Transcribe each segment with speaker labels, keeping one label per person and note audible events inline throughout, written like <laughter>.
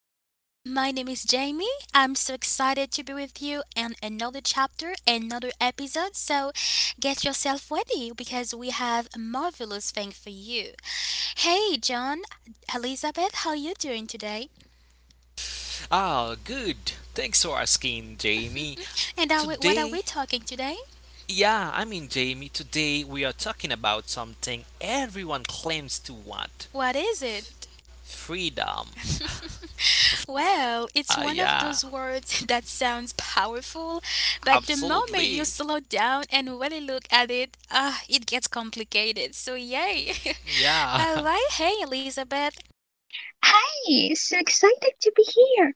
Speaker 1: today. My name is Jamie. I'm so excited to be with you and another chapter, another episode. So get yourself ready because we have a marvelous thing for you. Hey, John, Elizabeth, how you doing today?
Speaker 2: Ah, good. Thanks for asking, Jamie.
Speaker 1: What are
Speaker 2: Today,
Speaker 1: we talking today?
Speaker 2: yeah, Jamie, today we are talking about something everyone claims to want
Speaker 1: What is it?
Speaker 2: freedom.
Speaker 1: <laughs> Well, it's
Speaker 2: Ah,
Speaker 1: one of
Speaker 2: yeah,
Speaker 1: those words <laughs> that sounds powerful, but the moment you
Speaker 2: absolutely.
Speaker 1: slow down and really look at it, it gets complicated. So, yay! <laughs>
Speaker 2: Yeah,
Speaker 1: All right, hey, Elizabeth,
Speaker 3: Hi, so excited to be here.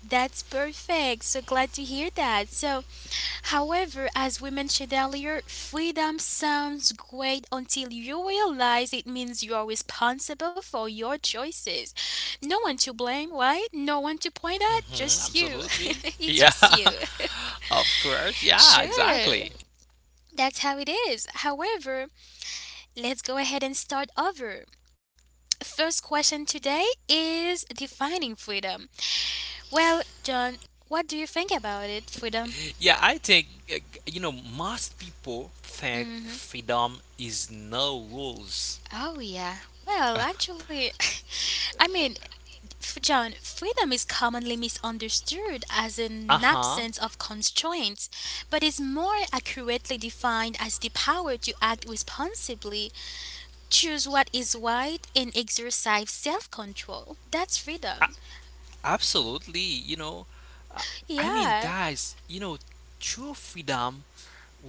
Speaker 1: that's perfect. So glad to hear that. So, however, as we mentioned earlier, freedom sounds great until you realize it means you are responsible for your choices. No one to blame, right? No one to
Speaker 2: <laughs>
Speaker 1: point at, just you. <laughs>
Speaker 2: absolutely.
Speaker 1: It's
Speaker 2: Yeah,
Speaker 1: just you.
Speaker 2: <laughs> of course.
Speaker 1: <laughs>
Speaker 2: Yeah,
Speaker 1: Sure.
Speaker 2: exactly.
Speaker 1: That's how it is. However, let's go ahead and start over. First question today is defining freedom. Well, John, what do you think about it, freedom?
Speaker 2: Yeah, I think, you know, most people think
Speaker 1: Mm-hmm.
Speaker 2: freedom is no rules.
Speaker 1: Oh, yeah. Well, actually, <laughs> I mean, John, freedom is commonly misunderstood as
Speaker 2: Uh
Speaker 1: an
Speaker 2: huh.
Speaker 1: absence of constraints, but is more accurately defined as the power to act responsibly, choose what is right, and exercise self control. That's freedom.
Speaker 2: Absolutely, you know, uh, I mean,
Speaker 1: Yeah.
Speaker 2: guys, you know, true freedom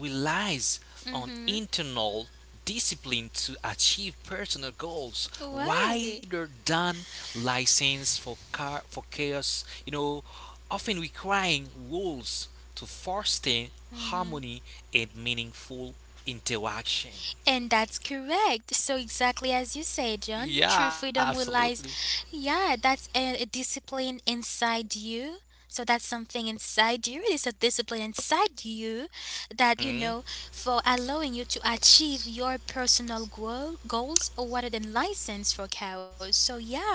Speaker 2: relies
Speaker 1: Mm
Speaker 2: on
Speaker 1: hmm.
Speaker 2: internal discipline to achieve personal goals
Speaker 1: Why?
Speaker 2: rather than license for car for chaos, you know, often requiring rules to foster
Speaker 1: Mm-hmm.
Speaker 2: harmony and meaningful interaction.
Speaker 1: And that's correct. So exactly as you say, John, true freedom
Speaker 2: Yeah,
Speaker 1: relies,
Speaker 2: absolutely.
Speaker 1: yeah, that's a discipline inside you. So that's something inside you. It is a discipline inside you that you know
Speaker 2: Mhm.
Speaker 1: for allowing you to achieve your personal goals rather than license for cows. So yeah,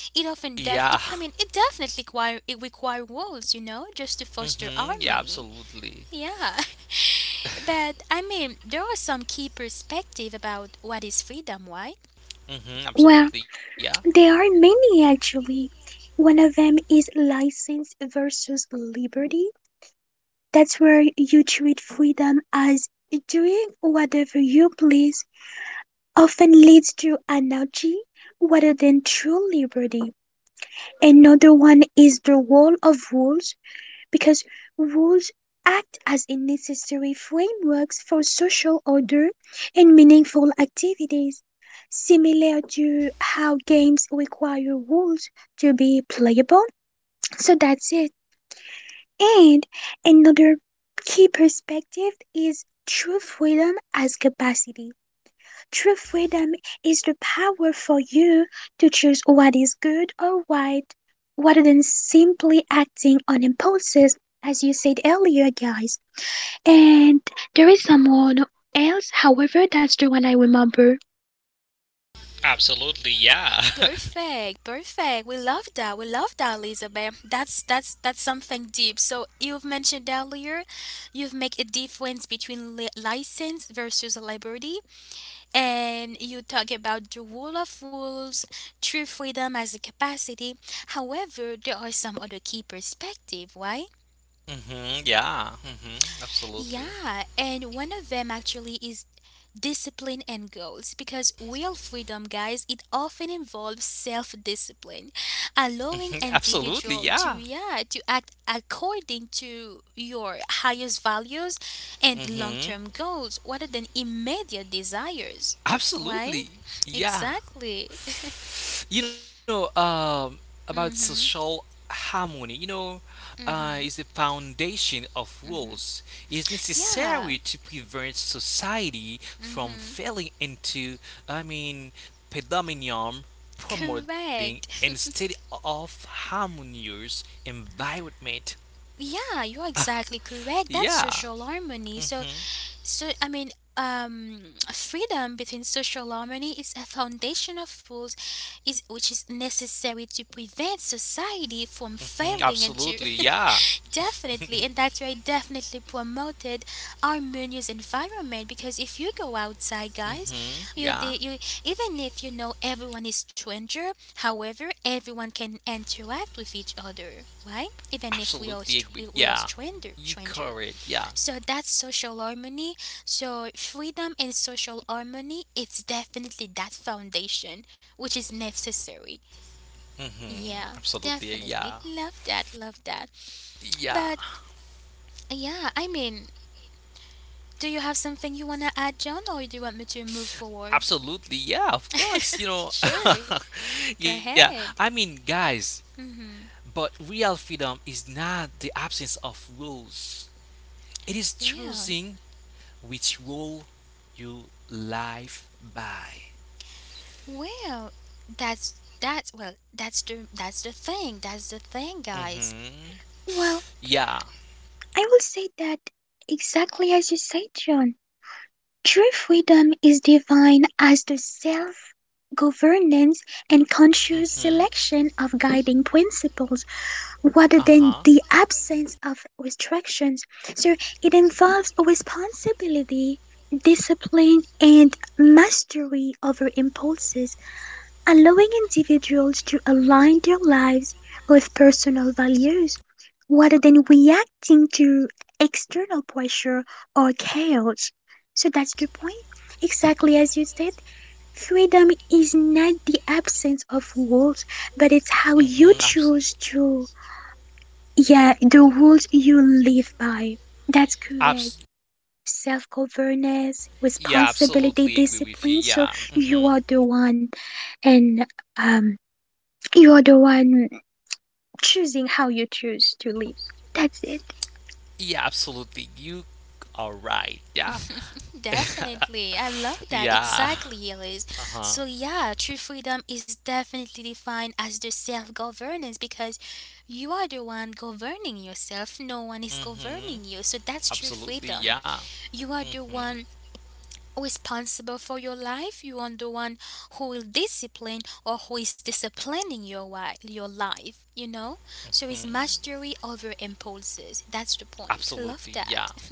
Speaker 1: it often def. It, I
Speaker 2: Yeah.
Speaker 1: mean, it definitely require rules. You know, just to foster
Speaker 2: <laughs> Yeah,
Speaker 1: harmony.
Speaker 2: absolutely.
Speaker 1: Yeah. <laughs> But I mean, there are some key perspective about what is freedom, right?
Speaker 3: Well,
Speaker 2: Absolutely, yeah.
Speaker 3: there are many actually. One of them is license versus liberty. That's where you treat freedom as doing whatever you please, often leads to anarchy rather than true liberty. Another one is the wall of rules, because rules act as a necessary frameworks for social order and meaningful activities, similar to how games require rules to be playable. So that's it. And another key perspective is true freedom as capacity. True freedom is the power for you to choose what is good or right, rather than simply acting on impulses, as you said earlier, guys. And there is someone else, however, that's the one I remember.
Speaker 2: Absolutely, yeah.
Speaker 1: Perfect,
Speaker 2: <laughs>
Speaker 1: perfect. We love that. We love that, Elizabeth. That's something deep. So you've mentioned earlier, you've made a difference between license versus liberty, and you talk about the rule of rules, true freedom as a capacity. However, there are some other key perspective, right?
Speaker 2: Yeah.
Speaker 1: Yeah,
Speaker 2: Absolutely. <laughs>
Speaker 1: and one of them actually is discipline and goals because real freedom, guys, it often involves self discipline, allowing
Speaker 2: Mhm, absolutely,
Speaker 1: individual to
Speaker 2: yeah.
Speaker 1: yeah, to act according to your highest values and long-term
Speaker 2: hmm
Speaker 1: goals rather than immediate desires. Right?
Speaker 2: Absolutely, yeah.
Speaker 1: Exactly. <laughs>
Speaker 2: You know, um, about
Speaker 1: Mhm.
Speaker 2: social harmony,
Speaker 1: Mhm.
Speaker 2: is the foundation of rules, is
Speaker 1: Yeah.
Speaker 2: necessary to prevent society from
Speaker 1: Mhm.
Speaker 2: falling into, I mean, predominant
Speaker 1: Correct.
Speaker 2: promoting
Speaker 1: <laughs>
Speaker 2: instead of harmonious environment.
Speaker 1: Yeah, you're exactly correct. That's social
Speaker 2: Yeah,
Speaker 1: harmony. So, I mean, freedom between social harmony is a foundation of rules, is which is necessary to prevent society from
Speaker 2: mhm,
Speaker 1: failing and to
Speaker 2: absolutely. Yeah.
Speaker 1: <laughs> definitely, and that's why I definitely promoted harmonious environment because if you go outside, guys, you the you
Speaker 2: Yeah,
Speaker 1: even if you know everyone is stranger, however, everyone can interact with each other, right? Even if
Speaker 2: absolutely agree.
Speaker 1: we are
Speaker 2: Yeah,
Speaker 1: stranger
Speaker 2: you
Speaker 1: stranger.
Speaker 2: correct. Yeah.
Speaker 1: So that's social harmony. So freedom and social harmony, it's definitely that foundation which is necessary. Yeah,
Speaker 2: Absolutely. Yeah.
Speaker 1: definitely. Love that, love that.
Speaker 2: Yeah,
Speaker 1: But yeah, I mean, do you have something you want to add, John, or do you want me to move forward?
Speaker 2: absolutely. Yeah, of course. You know,
Speaker 1: Sure.
Speaker 2: <laughs>
Speaker 1: Go
Speaker 2: yeah.
Speaker 1: ahead.
Speaker 2: I mean, guys,
Speaker 1: Mhm.
Speaker 2: but real freedom is not the absence of rules, it is
Speaker 1: Well,
Speaker 2: choosing which rule you live by.
Speaker 1: well, that's well, that's the thing. That's the thing, guys.
Speaker 2: hmm
Speaker 3: Well,
Speaker 2: Yeah.
Speaker 3: I will say that exactly as you said, John. True freedom is defined as the self governance and conscious
Speaker 2: Mm-hmm.
Speaker 3: selection of guiding principles rather than
Speaker 2: Uh-huh.
Speaker 3: the absence of restrictions. So it involves responsibility, discipline, and mastery over impulses, allowing individuals to align their lives with personal values rather than reacting to external pressure or chaos. So that's the point. Exactly as you said, freedom is not the absence of rules, but it's how you
Speaker 2: Mm-hmm.
Speaker 3: choose to, yeah, the rules you live by. That's correct.
Speaker 2: Abs-
Speaker 3: Self governance,
Speaker 2: yeah,
Speaker 3: responsibility,
Speaker 2: absolutely agree
Speaker 3: discipline.
Speaker 2: with you.
Speaker 3: So
Speaker 2: Yeah.
Speaker 3: you are
Speaker 2: Mm-hmm.
Speaker 3: the one, and um, you are the one choosing how you choose to live. That's it.
Speaker 2: Yeah, absolutely. You are right. Yeah. <laughs>
Speaker 1: Definitely. I love that.
Speaker 2: yeah.
Speaker 1: Exactly, Elise. So,
Speaker 2: Uh-huh.
Speaker 1: yeah, true freedom is definitely defined as the self governance because you are the one governing yourself. No one is governing you.
Speaker 2: Mm-hmm.
Speaker 1: So, that's true freedom.
Speaker 2: Absolutely. Yeah.
Speaker 1: You are the one
Speaker 2: Mm-hmm.
Speaker 1: responsible for your life. You are the one who will discipline or who is disciplining your life, you know? So, it's
Speaker 2: hmm
Speaker 1: mastery over impulses. That's the point. Love
Speaker 2: Absolutely.
Speaker 1: that.
Speaker 2: Yeah.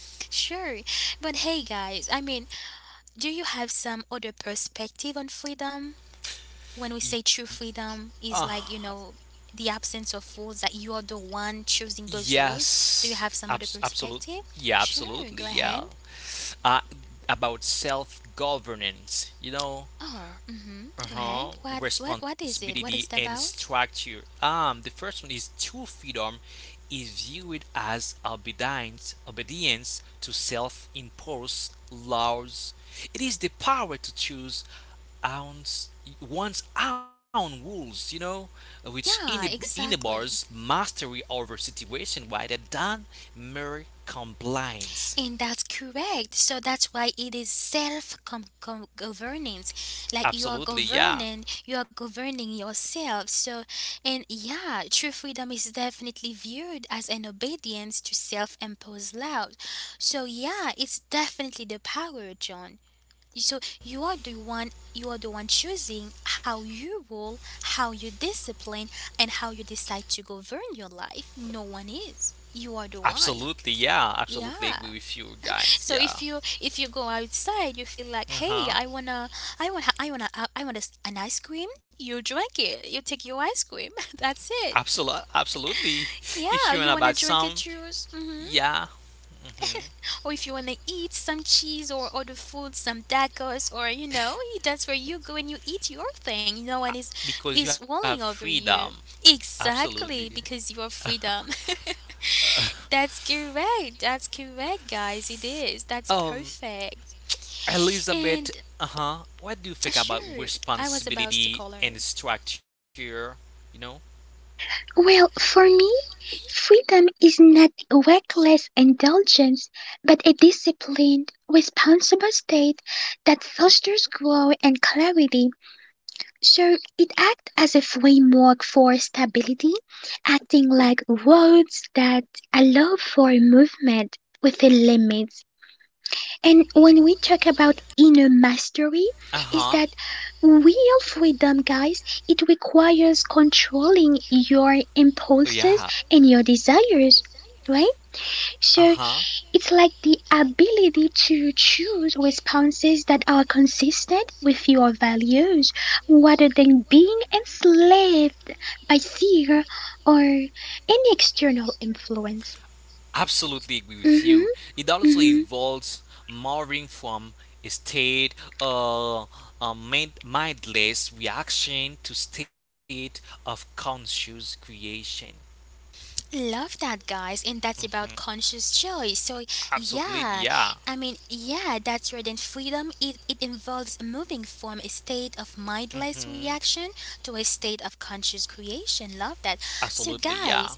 Speaker 1: <laughs> Sure. But hey, guys, I mean, do you have some other perspective on freedom? When we say true
Speaker 2: Y-
Speaker 1: freedom is
Speaker 2: uh,
Speaker 1: like, the absence of rules that you are the one choosing those rules. Do you have
Speaker 2: yes.
Speaker 1: some other
Speaker 2: Absolute.
Speaker 1: perspective?
Speaker 2: Yeah,
Speaker 1: Sure, go
Speaker 2: absolutely.
Speaker 1: ahead.
Speaker 2: Yeah. Uh, about self governance, you know,
Speaker 1: Oh, mhm. Go ahead.
Speaker 2: uh-huh,
Speaker 1: What is it? What is it
Speaker 2: responsibility and
Speaker 1: about?
Speaker 2: structure. The first one is true freedom is viewed as obedience, obedience to self-imposed laws. It is the power to choose own's, one's own rules, you know, which
Speaker 1: Yeah, exactly.
Speaker 2: enables mastery over situation rather than mere
Speaker 1: And
Speaker 2: compliance.
Speaker 1: that's correct. So that's why it is self governance. Like you are
Speaker 2: Absolutely,
Speaker 1: governing,
Speaker 2: yeah.
Speaker 1: you are governing yourself. So, and yeah, true freedom is definitely viewed as an obedience to self imposed laws. So, yeah, it's definitely the power, John. So you are the one choosing how you rule, how you discipline, and how you decide to govern your life. No one is. You are the one.
Speaker 2: Absolutely, yeah. Absolutely
Speaker 1: Yeah.
Speaker 2: agree with you guys.
Speaker 1: So
Speaker 2: Yeah.
Speaker 1: if you go outside, you feel
Speaker 2: Uh
Speaker 1: like,
Speaker 2: huh.
Speaker 1: hey, I wanna, I want, I wanna, I want a s an ice cream. You drink it. You take your ice cream. <laughs> That's it.
Speaker 2: Absolutely, absolutely. If you're in
Speaker 1: Yeah,
Speaker 2: a
Speaker 1: you
Speaker 2: bad
Speaker 1: wanna drink
Speaker 2: song,
Speaker 1: a juice,
Speaker 2: yeah, mhm.
Speaker 1: or if you wanna eat some cheese or other food, some tacos, or that's where you go and you eat your thing. No
Speaker 2: Uh,
Speaker 1: one is
Speaker 2: because you
Speaker 1: is
Speaker 2: have
Speaker 1: walling over
Speaker 2: freedom.
Speaker 1: you.
Speaker 2: Absolutely.
Speaker 1: Exactly, because you are freedom. <laughs> That's correct. That's correct, guys. It is. That's
Speaker 2: Um,
Speaker 1: perfect.
Speaker 2: Elizabeth,
Speaker 1: And
Speaker 2: uh huh. What do you think about
Speaker 1: sure, I was about to
Speaker 2: responsibility
Speaker 1: call her.
Speaker 2: and structure? You know.
Speaker 3: Well, for me, freedom is not reckless indulgence, but a disciplined, responsible state that fosters growth and clarity. So it acts as a framework for stability, acting like roads that allow for movement within limits. And when we talk about inner mastery,
Speaker 2: Uh
Speaker 3: is
Speaker 2: huh.
Speaker 3: that real freedom, guys, it requires controlling your
Speaker 2: Yeah.
Speaker 3: impulses and your desires, right?
Speaker 2: Uh huh.
Speaker 3: So it's like the ability to choose responses that are consistent with your values rather than being enslaved by fear or any external influence.
Speaker 2: Absolutely agree with you.
Speaker 3: hmm
Speaker 2: It also
Speaker 3: hmm
Speaker 2: involves moving from a state. Uh, a mindless reaction to state of conscious creation.
Speaker 1: Love that, guys, and that's about
Speaker 2: Mhm.
Speaker 1: conscious choice. So,
Speaker 2: Absolutely,
Speaker 1: yeah,
Speaker 2: yeah.
Speaker 1: I mean, yeah, that's right. And freedom, it involves moving from a state of mindless
Speaker 2: hmm
Speaker 1: reaction to a state of conscious creation. Love that.
Speaker 2: Absolutely,
Speaker 1: So,
Speaker 2: yeah.
Speaker 1: guys,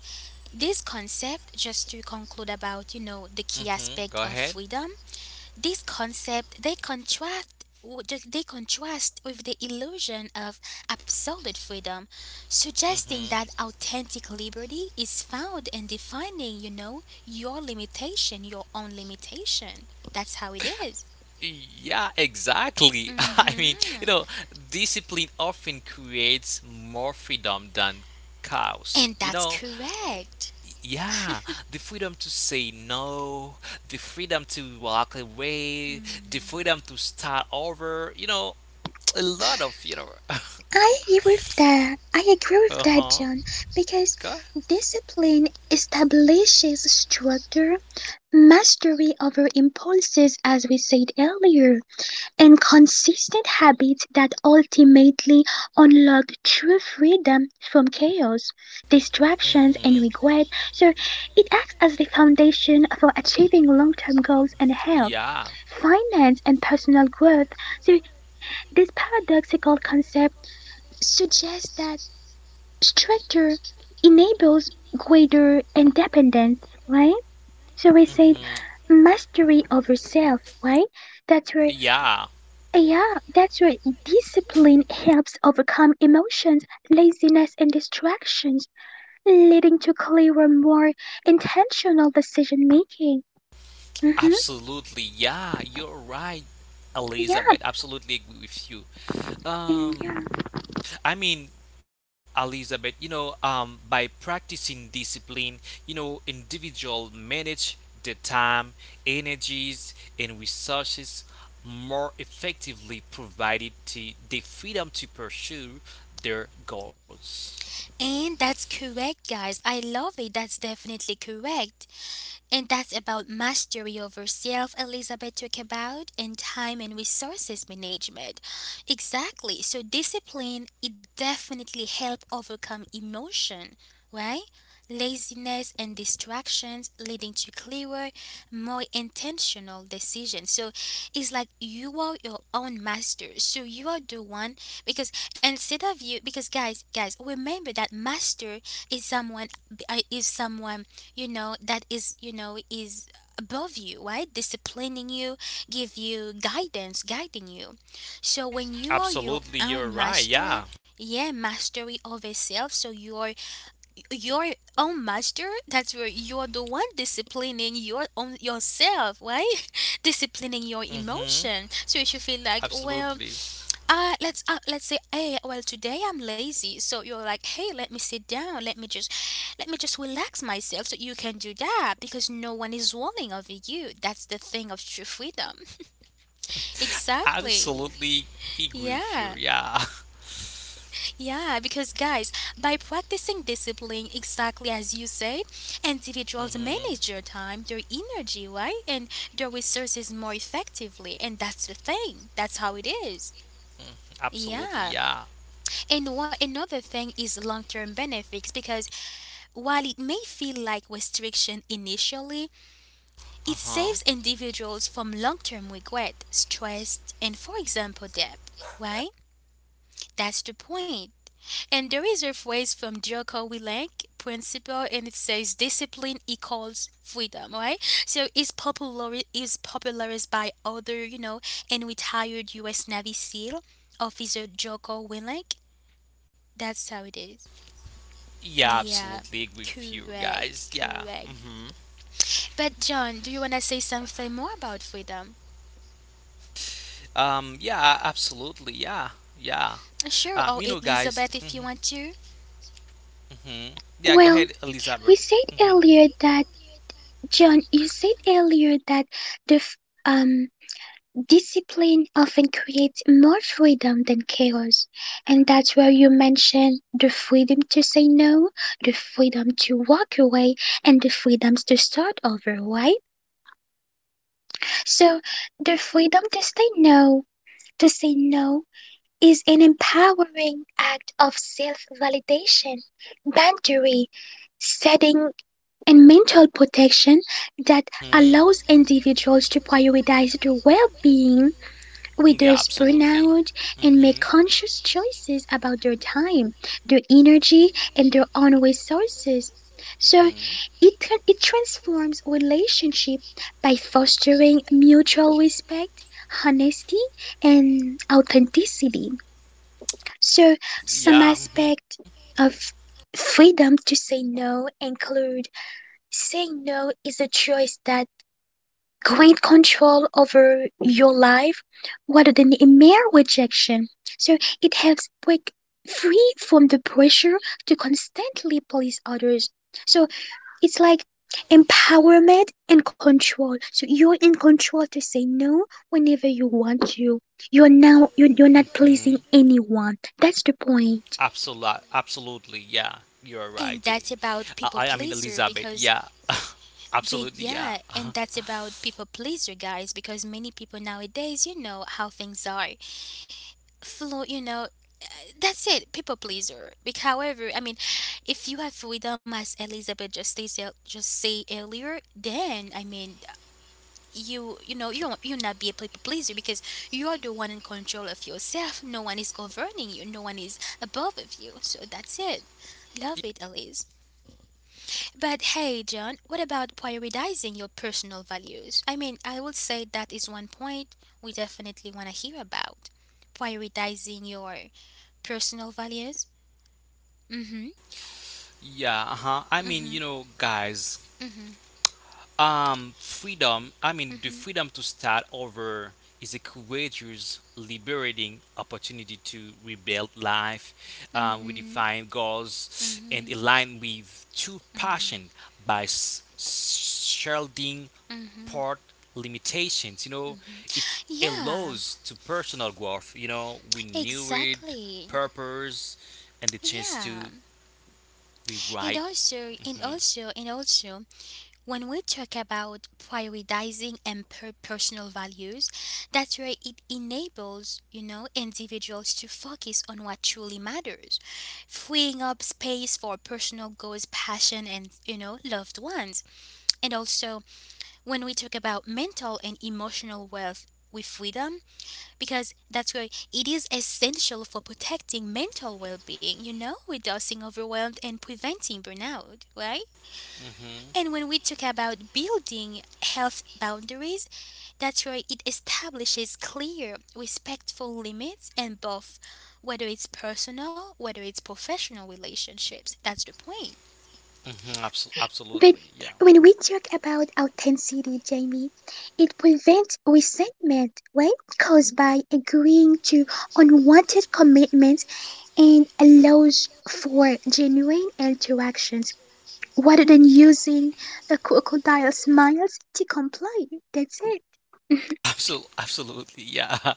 Speaker 1: this concept, just to conclude about, the key
Speaker 2: Go
Speaker 1: aspect of
Speaker 2: ahead.
Speaker 1: freedom, this concept they contrast with the illusion of absolute freedom, suggesting
Speaker 2: hmm
Speaker 1: that authentic liberty is found in defining, your own limitation. That's how it is.
Speaker 2: Yeah, exactly. <laughs> I mean, you
Speaker 1: Mhm.
Speaker 2: know, discipline often creates more freedom than chaos.
Speaker 1: And
Speaker 2: You
Speaker 1: that's
Speaker 2: know,
Speaker 1: correct.
Speaker 2: yeah, the freedom to say no, the freedom to walk away, the
Speaker 1: Mm.
Speaker 2: freedom to start over, you know, a lot of, <laughs>
Speaker 3: I agree with that. I agree with that,
Speaker 2: uh-huh.
Speaker 3: John,
Speaker 2: Go
Speaker 3: because
Speaker 2: ahead.
Speaker 3: discipline establishes structure, mastery over impulses, as we said earlier, and consistent habits that ultimately unlock true freedom from chaos,
Speaker 2: Mhm.
Speaker 3: distractions, and regret. So it acts as the foundation for achieving long term goals and
Speaker 2: Yeah.
Speaker 3: health, finance, and personal growth. So this paradoxical concept suggests that structure enables greater independence, right? So we
Speaker 2: Mhm.
Speaker 3: said mastery over self, right? That's where
Speaker 2: Yeah,
Speaker 3: yeah, that's right. Discipline helps overcome emotions, laziness, and distractions, leading to clearer, more intentional decision making. Mm-hmm.
Speaker 2: absolutely. Yeah, you're right,
Speaker 3: Yeah,
Speaker 2: Elizabeth. Absolutely agree with you.
Speaker 3: and
Speaker 2: Um
Speaker 3: yeah.
Speaker 2: I mean, Elizabeth, you know, by practicing discipline, you know, individual manage the time, energies, and resources more effectively, provided to the freedom to pursue their goals.
Speaker 1: And that's correct, guys. I love it. That's definitely correct. And that's about mastery over self Elizabeth talked about, and time and resources management. Exactly. So discipline it definitely help overcome emotion, right? Laziness and distractions leading to clearer, more intentional decisions. So it's like you are your own master. So you are the one, because instead of you, because guys, remember that master is someone is someone that is is above you, right, disciplining you, give you guidance guiding you, so when you are your
Speaker 2: Absolutely, you're
Speaker 1: own
Speaker 2: right.
Speaker 1: master,
Speaker 2: Yeah.
Speaker 1: yeah, mastery over self, so you're your own master, that's where you're the one disciplining your own yourself, right? <laughs> Disciplining your
Speaker 2: Mm-hmm.
Speaker 1: emotion, so if you feel like, well,
Speaker 2: Absolutely.
Speaker 1: let's say, hey, well, today I'm lazy, so you're like, hey, let me sit down, let me just relax myself. So you can do that because no one is ruling over you. That's the thing of true freedom. Exactly.
Speaker 2: Absolutely agree with you.
Speaker 1: Yeah,
Speaker 2: Yeah. <laughs>
Speaker 1: yeah. Because guys, by practicing discipline, exactly as you say, individuals
Speaker 2: Mm-hmm.
Speaker 1: manage your time, their energy, right, and their resources more effectively, and that's the thing. That's how it is.
Speaker 2: Mm, absolutely,
Speaker 1: Yeah.
Speaker 2: yeah.
Speaker 1: And what another thing is long-term benefits because while it may feel like restriction initially, it
Speaker 2: Uh-huh.
Speaker 1: saves individuals from long-term regret, stress, and for example debt. Right? That's the point. And there is a phrase from Joko Willink principle and it says discipline equals freedom, right? So it's popularized by other, and retired US Navy SEAL officer Joko Willink. That's how it is.
Speaker 2: Yeah,
Speaker 1: Yeah,
Speaker 2: absolutely agree with you
Speaker 1: correct,
Speaker 2: guys. Yeah.
Speaker 1: correct.
Speaker 2: Mm-hmm.
Speaker 1: But John, do you want to say something more about freedom?
Speaker 2: Yeah, absolutely, yeah. Yeah.
Speaker 1: Sure, or
Speaker 2: You know,
Speaker 1: Elizabeth
Speaker 2: guys.
Speaker 1: if you
Speaker 2: Mm-hmm.
Speaker 1: want to.
Speaker 2: Mm-hmm. Yeah, go
Speaker 3: Well,
Speaker 2: ahead,
Speaker 3: we
Speaker 2: Elizabeth.
Speaker 3: said
Speaker 2: Mm-hmm.
Speaker 3: earlier that John, you said earlier that the f- um discipline often creates more freedom than chaos, and that's where you mentioned the freedom to say no, the freedom to walk away, and the freedoms to start over, right? So the freedom to say no, is an empowering act of self validation, boundary setting, and mental protection that allows
Speaker 2: hmm
Speaker 3: individuals to prioritize their well being with their
Speaker 2: Yeah,
Speaker 3: burnout
Speaker 2: absolutely.
Speaker 3: and make
Speaker 2: Mm-hmm.
Speaker 3: conscious choices about their time, their energy, and their own resources. So it,
Speaker 2: hmm
Speaker 3: tra- it transforms relationship by fostering mutual respect, honesty, and authenticity. So some
Speaker 2: Yeah.
Speaker 3: aspect of freedom to say no include saying no is a choice that great control over your life rather than a mere rejection. So it helps break free from the pressure to constantly please others. So it's like empowerment and control. So you're in control to say no whenever you want to. You're
Speaker 2: hmm
Speaker 3: not
Speaker 2: hmm
Speaker 3: pleasing anyone. That's the point.
Speaker 2: Absolutely. Absolutely. Yeah. You're right,
Speaker 1: And
Speaker 2: Jane.
Speaker 1: that's about people
Speaker 2: I mean,
Speaker 1: pleaser
Speaker 2: Elizabeth.
Speaker 1: because
Speaker 2: Yeah.
Speaker 1: but
Speaker 2: Absolutely. Yeah.
Speaker 1: yeah, and
Speaker 2: <laughs>
Speaker 1: that's about people pleaser, guys, because many people nowadays, you know how things are. Flo, you know, that's it, people pleaser. But however, I mean, if you have freedom as Elizabeth just said, just say earlier, then I mean you know you don't, you not be a people pleaser because you are the one in control of yourself, no one is governing you, no one is above of you, so that's it. Love it, Elise. But hey, John, what about prioritizing your personal values? I mean, I would say that is one point we definitely want to hear about, prioritizing your personal values. Mm-hmm.
Speaker 2: Yeah, uh-huh. I mean,
Speaker 1: Mm-hmm.
Speaker 2: you know, guys, freedom, I mean, the
Speaker 1: Mm-hmm.
Speaker 2: freedom to start over is a courageous, liberating opportunity to rebuild life,
Speaker 1: Mm-hmm.
Speaker 2: redefine
Speaker 1: Mm-hmm.
Speaker 2: goals, and
Speaker 1: Mm-hmm.
Speaker 2: align with true
Speaker 1: Mm-hmm.
Speaker 2: passion by shielding
Speaker 1: Mm-hmm.
Speaker 2: part limitations. You know,
Speaker 1: Mm-hmm.
Speaker 2: it
Speaker 1: Yeah,
Speaker 2: allows to personal growth. You know, we knew it,
Speaker 1: exactly.
Speaker 2: purpose, and the chance
Speaker 1: Yeah.
Speaker 2: to be
Speaker 1: And
Speaker 2: right.
Speaker 1: also, and also, and also, when we talk about prioritizing personal values, that's where it enables, individuals to focus on what truly matters, freeing up space for personal goals, passion, and, loved ones. And also, when we talk about mental and emotional wealth with freedom, because that's why it is essential for protecting mental well-being, reducing overwhelmed and preventing burnout, right?
Speaker 2: Mm-hmm.
Speaker 1: And when we talk about building health boundaries, that's why it establishes clear respectful limits, and both whether it's personal, whether it's professional relationships, that's the point.
Speaker 2: Mm-hmm.
Speaker 3: But
Speaker 2: Absolutely. Yeah.
Speaker 3: when we talk about authenticity, Jamie, it prevents resentment, right? Caused by agreeing to unwanted commitments and allows for genuine interactions rather than using a crocodile smiles to comply. That's it. <laughs>
Speaker 2: <laughs> Absolutely. Absolutely. Yeah. <laughs>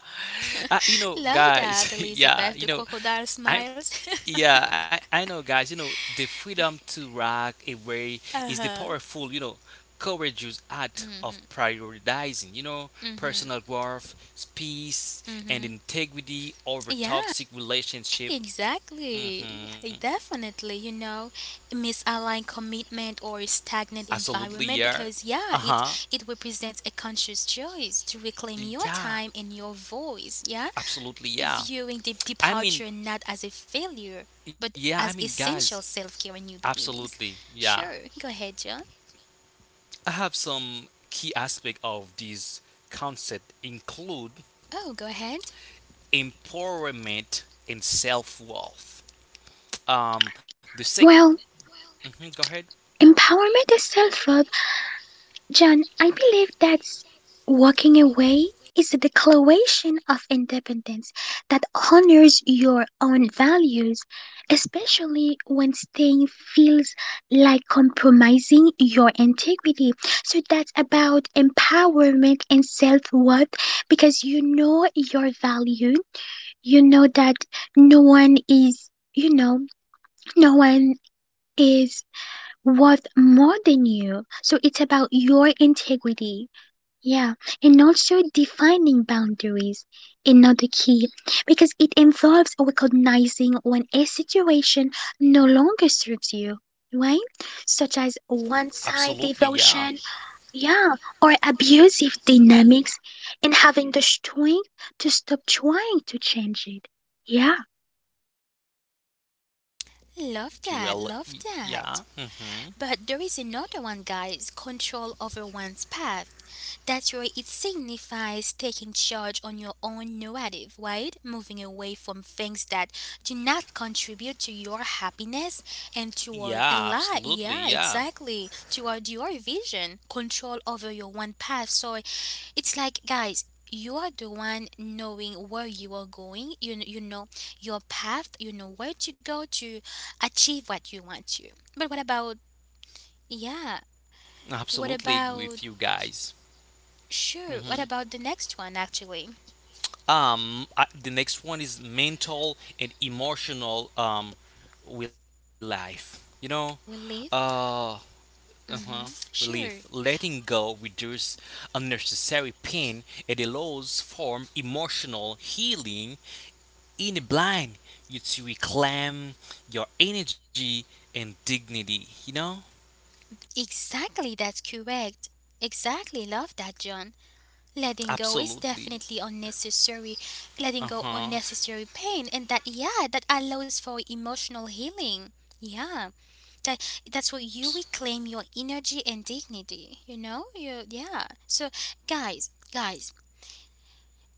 Speaker 2: You know,
Speaker 1: Love that,
Speaker 2: guys. <laughs>
Speaker 1: Elizabeth,
Speaker 2: yeah.
Speaker 1: the
Speaker 2: You know,
Speaker 1: crocodile
Speaker 2: I
Speaker 1: smiles.
Speaker 2: Yeah, I know, guys. You know, the freedom to rock away
Speaker 1: <laughs>
Speaker 2: is the
Speaker 1: Uh-huh.
Speaker 2: powerful, you know, courageous act of prioritizing, you know, personal growth, peace, and integrity over
Speaker 1: Yeah,
Speaker 2: toxic relationship.
Speaker 1: exactly. Hey,
Speaker 2: Mm-hmm.
Speaker 1: definitely, you know, misaligned commitment or a stagnant
Speaker 2: Absolutely,
Speaker 1: environment,
Speaker 2: yeah.
Speaker 1: because yeah, it
Speaker 2: Uh-huh.
Speaker 1: it represents a conscious choice to reclaim your
Speaker 2: Yeah,
Speaker 1: time and your voice, yeah?
Speaker 2: absolutely, yeah.
Speaker 1: Viewing the
Speaker 2: I
Speaker 1: departure
Speaker 2: mean,
Speaker 1: not as a failure, but
Speaker 2: yeah, I
Speaker 1: as
Speaker 2: mean, guys,
Speaker 1: essential self-care and new beginnings.
Speaker 2: absolutely, yeah.
Speaker 1: Sure, go ahead, John.
Speaker 2: I have some key aspect of this concept include
Speaker 1: Oh, go ahead.
Speaker 2: empowerment and self worth. The sec.
Speaker 3: Well,
Speaker 2: Mhm, go ahead.
Speaker 3: empowerment is self John, I believe that walking away is a declaration of independence that honors your own values, especially when staying feels like compromising your integrity. So that's about empowerment and self worth because you know your value, you know that no one is. You know, no one is worth more than you. So it's about your integrity. Yeah, and also defining boundaries, another key, because it involves recognizing when a situation no longer serves you, right? Such as one side
Speaker 2: Absolutely, yeah.
Speaker 3: devotion, yeah, or abusive dynamics, and having the strength to stop trying to change it. Yeah,
Speaker 1: Love that. Love
Speaker 2: Yeah.
Speaker 1: that. But there is another one, guys, control over one's path. That's where it signifies taking charge on your own narrative, right? Moving away from things that do not contribute to your happiness and toward a
Speaker 2: Yeah.
Speaker 1: lie.
Speaker 2: Absolutely,
Speaker 1: Yeah,
Speaker 2: yeah.
Speaker 1: exactly. Toward your vision, control over your one path. So it's like, guys, you are the one knowing where you are going. You know your path, you know where to go to achieve what you want to. But what about yeah. What
Speaker 2: Absolutely agree
Speaker 1: about
Speaker 2: with you guys.
Speaker 1: sure? What
Speaker 2: hmm
Speaker 1: about the next one actually?
Speaker 2: The next one is mental and emotional relief. You know, uh,
Speaker 1: Relief.
Speaker 2: uh-huh,
Speaker 1: Mm-hmm.
Speaker 2: relief.
Speaker 1: Sure.
Speaker 2: Letting go reduces unnecessary pain. It allows for emotional healing in a blind you to reclaim your energy and dignity you know
Speaker 1: Exactly. That's correct. Exactly. Love that, John. Letting go is
Speaker 2: absolutely
Speaker 1: definitely unnecessary. Letting go
Speaker 2: uh-huh
Speaker 1: unnecessary pain, and that yeah, that allows for emotional healing. Yeah, that's where you reclaim your energy and dignity. You know, you yeah. So guys,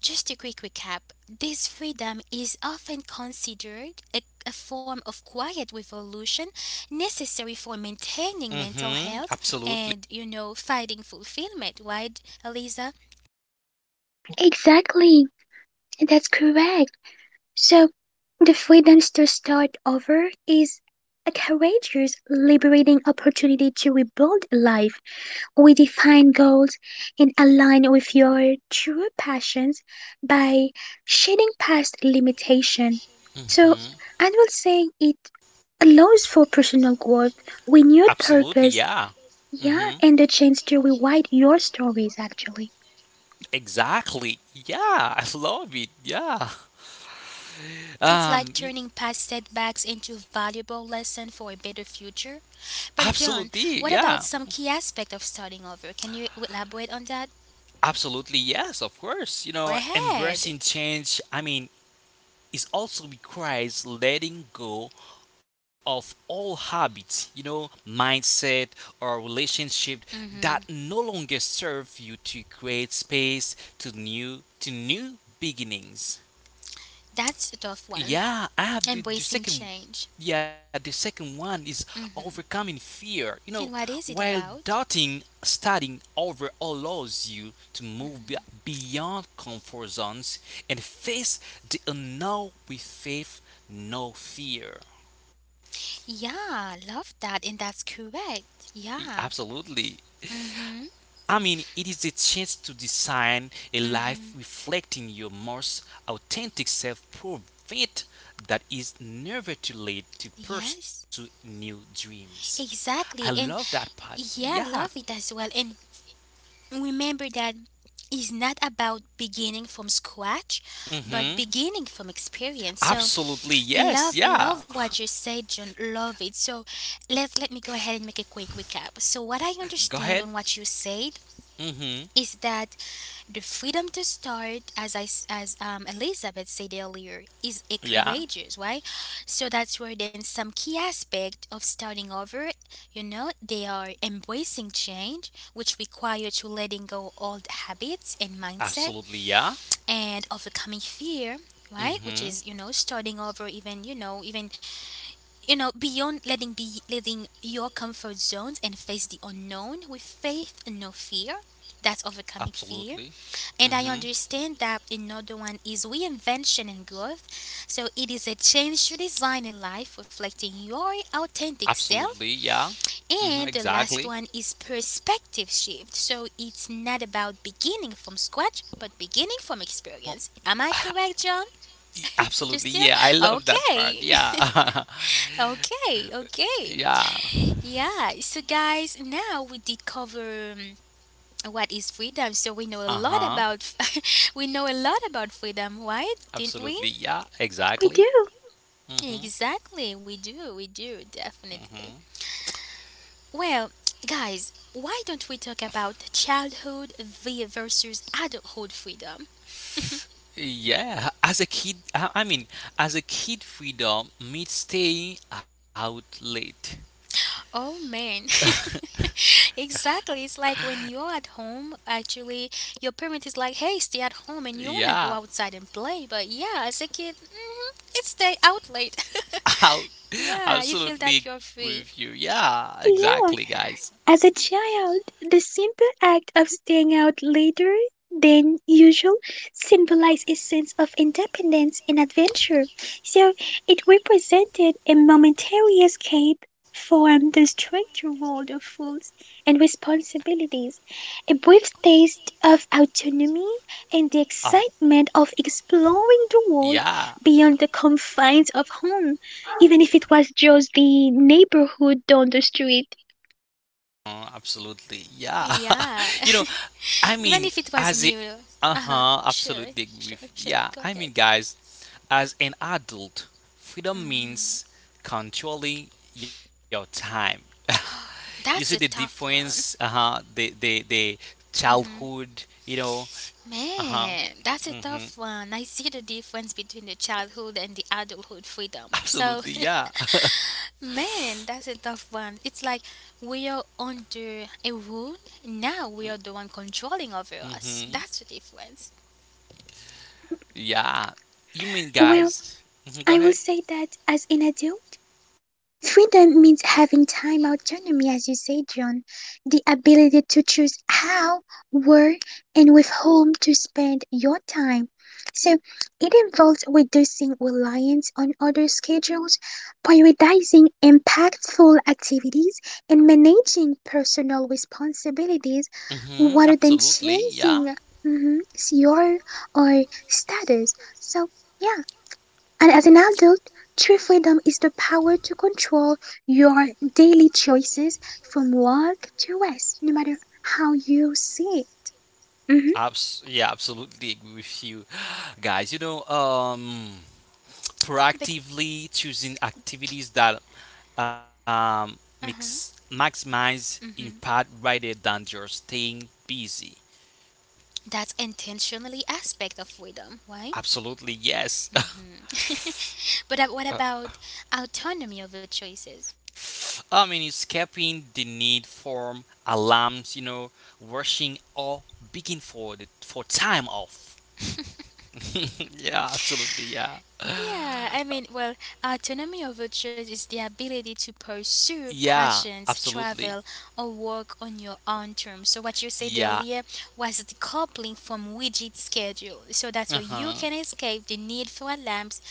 Speaker 1: just a quick recap, this freedom is often considered a form of quiet revolution necessary for maintaining mental
Speaker 2: mm-hmm
Speaker 1: health
Speaker 2: absolutely
Speaker 1: and, finding fulfillment, right, Eliza?
Speaker 3: exactly. That's correct. So, the freedom to start over is a courageous, liberating opportunity to rebuild a life, redefine goals, and align with your true passions by shedding past limitation. So,
Speaker 2: mm-hmm
Speaker 3: I will say it allows for personal growth, renewed
Speaker 2: absolutely yeah
Speaker 3: purpose,
Speaker 2: mm-hmm
Speaker 3: yeah, and the chance to rewrite your stories actually.
Speaker 2: exactly yeah I <laughs> love it yeah
Speaker 1: It's
Speaker 2: um
Speaker 1: like
Speaker 2: y-
Speaker 1: turning past setbacks into valuable lesson for a better future. But John,
Speaker 2: absolutely
Speaker 1: what
Speaker 2: yeah
Speaker 1: about some key aspect of starting over? Can you elaborate on that?
Speaker 2: absolutely yes of course you
Speaker 1: Go
Speaker 2: know
Speaker 1: ahead.
Speaker 2: embracing change I mean is also requires letting go of all habits, you know, mindset or relationship that
Speaker 1: hmm
Speaker 2: no longer serve you to create space to new beginnings.
Speaker 1: That's a tough one.
Speaker 2: Yeah, I have the
Speaker 1: Embracing
Speaker 2: second.
Speaker 1: change.
Speaker 2: Yeah, the second one is overcoming fear. You know,
Speaker 1: And what is it
Speaker 2: while
Speaker 1: about?
Speaker 2: doubting, studying over allows you to beyond comfort zones and face the unknown with faith, no fear.
Speaker 1: Yeah, love that, and that's correct. Yeah.
Speaker 2: Absolutely.
Speaker 1: Mhm.
Speaker 2: I mean, it is a chance to design a life
Speaker 1: Mhm.
Speaker 2: reflecting your most authentic self, prevent that is never too late to pursue
Speaker 1: Yes.
Speaker 2: new dreams. I
Speaker 1: Exactly,
Speaker 2: love
Speaker 1: and
Speaker 2: that part. Yeah.
Speaker 1: yeah, love it as well. And remember that it's not about beginning from scratch, but
Speaker 2: Mhm.
Speaker 1: beginning from experience. So
Speaker 2: Absolutely. Yes.
Speaker 1: love,
Speaker 2: Yeah.
Speaker 1: love what you said, John. Love it. So let me go ahead and make a quick recap. So what I
Speaker 2: Go ahead.
Speaker 1: understand on what you said
Speaker 2: Mhm.
Speaker 1: is that the freedom to start, as I s- as Elizabeth said earlier, is a
Speaker 2: Yeah.
Speaker 1: courageous, right? So that's where then some key aspect of starting over, you know, they are embracing change, which require to letting go old habits and mindset,
Speaker 2: Absolutely. Yeah.
Speaker 1: and overcoming fear, right? Which is, you
Speaker 2: Mhm.
Speaker 1: know, starting over, even you know beyond letting be letting your comfort zones and face the unknown with faith and no fear. That's overcoming fear,
Speaker 2: Absolutely.
Speaker 1: and I
Speaker 2: Mhm.
Speaker 1: understand that another one is reinvention and growth. So it is a change to design a life reflecting your authentic self.
Speaker 2: Absolutely. Yeah.
Speaker 1: And
Speaker 2: Mhm.
Speaker 1: the last
Speaker 2: Exactly.
Speaker 1: one is perspective shift. So it's not about beginning from scratch, but beginning from experience.
Speaker 2: Well,
Speaker 1: Am I correct, John? You still?
Speaker 2: absolutely. Yeah. I love that
Speaker 1: Okay.
Speaker 2: part. Yeah. <laughs>
Speaker 1: <laughs> Okay, okay.
Speaker 2: yeah.
Speaker 1: Yeah, so guys, now we did cover. What is freedom, so we know a lot
Speaker 2: Uh-huh.
Speaker 1: about <laughs> we know a lot about freedom, right, didn't we?
Speaker 2: Absolutely. Yeah,
Speaker 3: We do,
Speaker 2: exactly. Mm-hmm.
Speaker 1: Exactly, we do, we do
Speaker 2: Mm-hmm.
Speaker 1: definitely. Well, guys, why don't we talk about childhood versus adulthood freedom?
Speaker 2: Yeah, as a kid, as a kid, freedom means staying out late.
Speaker 1: Oh man, <laughs> exactly, it's like when you're at home actually, your parent is like, hey, stay at home and you want to go
Speaker 2: Yeah,
Speaker 1: outside and play. But yeah, as a kid, it's stay out late.
Speaker 2: <laughs> out.
Speaker 1: <laughs> Yeah, you feel that
Speaker 2: Absolutely
Speaker 1: you're
Speaker 2: agree
Speaker 1: free.
Speaker 2: with you. Yeah, exactly,
Speaker 3: yeah.
Speaker 2: guys.
Speaker 3: As a child, the simple act of staying out later than usual symbolized a sense of independence and adventure, so it represented a momentary escape from the stricter world of rules and responsibilities, a brief taste of autonomy, and the
Speaker 2: Ab-
Speaker 3: excitement of exploring the world
Speaker 2: yeah,
Speaker 3: beyond the confines of home, even if it was just the neighborhood down the street.
Speaker 2: uh, absolutely. Yeah. <laughs>
Speaker 1: Yeah.
Speaker 2: You know,
Speaker 1: <laughs>
Speaker 2: I
Speaker 1: Even
Speaker 2: mean,
Speaker 1: if it was
Speaker 2: as a,
Speaker 1: new. Uh-huh.
Speaker 2: uh-huh,
Speaker 1: Sure.
Speaker 2: absolutely agree
Speaker 1: Sure.
Speaker 2: with,
Speaker 1: Sure.
Speaker 2: yeah,
Speaker 1: Go
Speaker 2: I
Speaker 1: ahead.
Speaker 2: mean, guys, as an adult, freedom
Speaker 1: Mm.
Speaker 2: means controlling your time. <laughs> You see the
Speaker 1: That's a tough
Speaker 2: difference,
Speaker 1: one.
Speaker 2: uh-huh, the childhood, you know, uh-huh,
Speaker 1: Man, that's a
Speaker 2: mm-hmm,
Speaker 1: tough one. I see the difference between the childhood and the adulthood freedom. So,
Speaker 2: absolutely, yeah. <laughs>
Speaker 1: <laughs> man, that's a tough one. It's like we are under a rule. Now we are the one controlling over us.
Speaker 2: Mm-hmm.
Speaker 1: That's the difference.
Speaker 2: Yeah. You mean,
Speaker 3: Well,
Speaker 2: guys, go
Speaker 3: I will
Speaker 2: ahead.
Speaker 3: say that as an adult, freedom means having time autonomy, as you say, John, the ability to choose how, where, and with whom to spend your time. So it involves reducing reliance on other schedules, prioritizing impactful activities, and managing personal responsibilities
Speaker 2: Mm-hmm,
Speaker 3: rather than
Speaker 2: absolutely, yeah.
Speaker 3: chasing mhm, your or status. So, yeah. And as an adult, true freedom is the power to control your daily choices from work to rest, no matter how you see it. Mhm.
Speaker 2: Yeah, absolutely agree with you, <sighs> guys. You know,
Speaker 1: But,
Speaker 2: proactively choosing activities that
Speaker 1: uh huh.
Speaker 2: maximize impact
Speaker 1: Mm-hmm.
Speaker 2: rather than just staying busy.
Speaker 1: That's intentionally aspect of freedom, right?
Speaker 2: Absolutely, yes. <laughs>
Speaker 1: Mhm. <laughs> But what
Speaker 2: Uh,
Speaker 1: about autonomy over choices?
Speaker 2: I mean, escaping the need for alarms, you know, rushing or begging for for time off.
Speaker 1: <laughs>
Speaker 2: <laughs> yeah, absolutely, yeah.
Speaker 1: Yeah, I mean, well, autonomy over choice is the ability to pursue
Speaker 2: Yeah,
Speaker 1: passions,
Speaker 2: absolutely.
Speaker 1: travel, or work on your own terms. So, what you said earlier
Speaker 2: Yeah,
Speaker 1: was decoupling from rigid schedule. So, that's where you can
Speaker 2: uh-huh,
Speaker 1: escape the need for alarms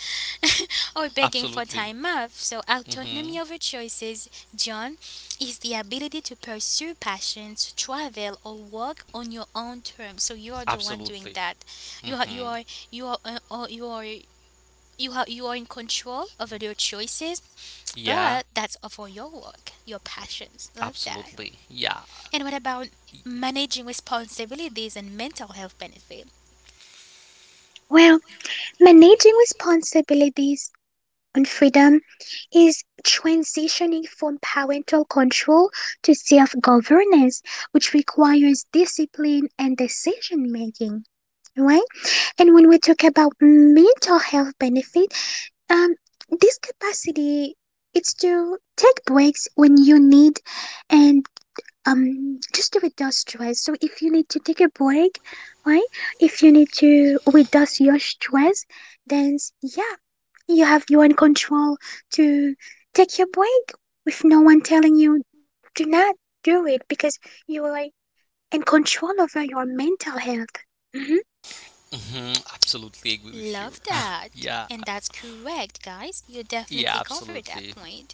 Speaker 1: <laughs> or begging for time off.
Speaker 2: absolutely.
Speaker 1: So, autonomy over
Speaker 2: Mhm.
Speaker 1: choices, John, is the ability to pursue passions, travel, or work on your own terms. So, you are the one doing that.
Speaker 2: Absolutely.
Speaker 1: You are, you are,
Speaker 2: Mhm.
Speaker 1: you are, you are you have you are in control over your choices, but that's
Speaker 2: Yeah,
Speaker 1: for your work, your passions. Love that.
Speaker 2: absolutely. Yeah.
Speaker 1: And what about managing responsibilities and mental health benefit?
Speaker 3: Well, managing responsibilities and freedom is transitioning from parental control to self governance, which requires discipline and decision making. Right? And when we talk about mental health benefit, Um, this capacity it's to take breaks when you need and just to reduce stress. So if you need to take a break, right? If you need to reduce your stress, then yeah, you have your own control to take your break with no one telling you do not do it because you are in control over your mental health. Mhm.
Speaker 2: Mhm. Absolutely agree
Speaker 1: Love
Speaker 2: with you.
Speaker 1: that.
Speaker 2: <laughs>
Speaker 1: And
Speaker 2: yeah.
Speaker 1: that's correct, guys. You definitely
Speaker 2: Yeah,
Speaker 1: covered that point.
Speaker 2: absolutely.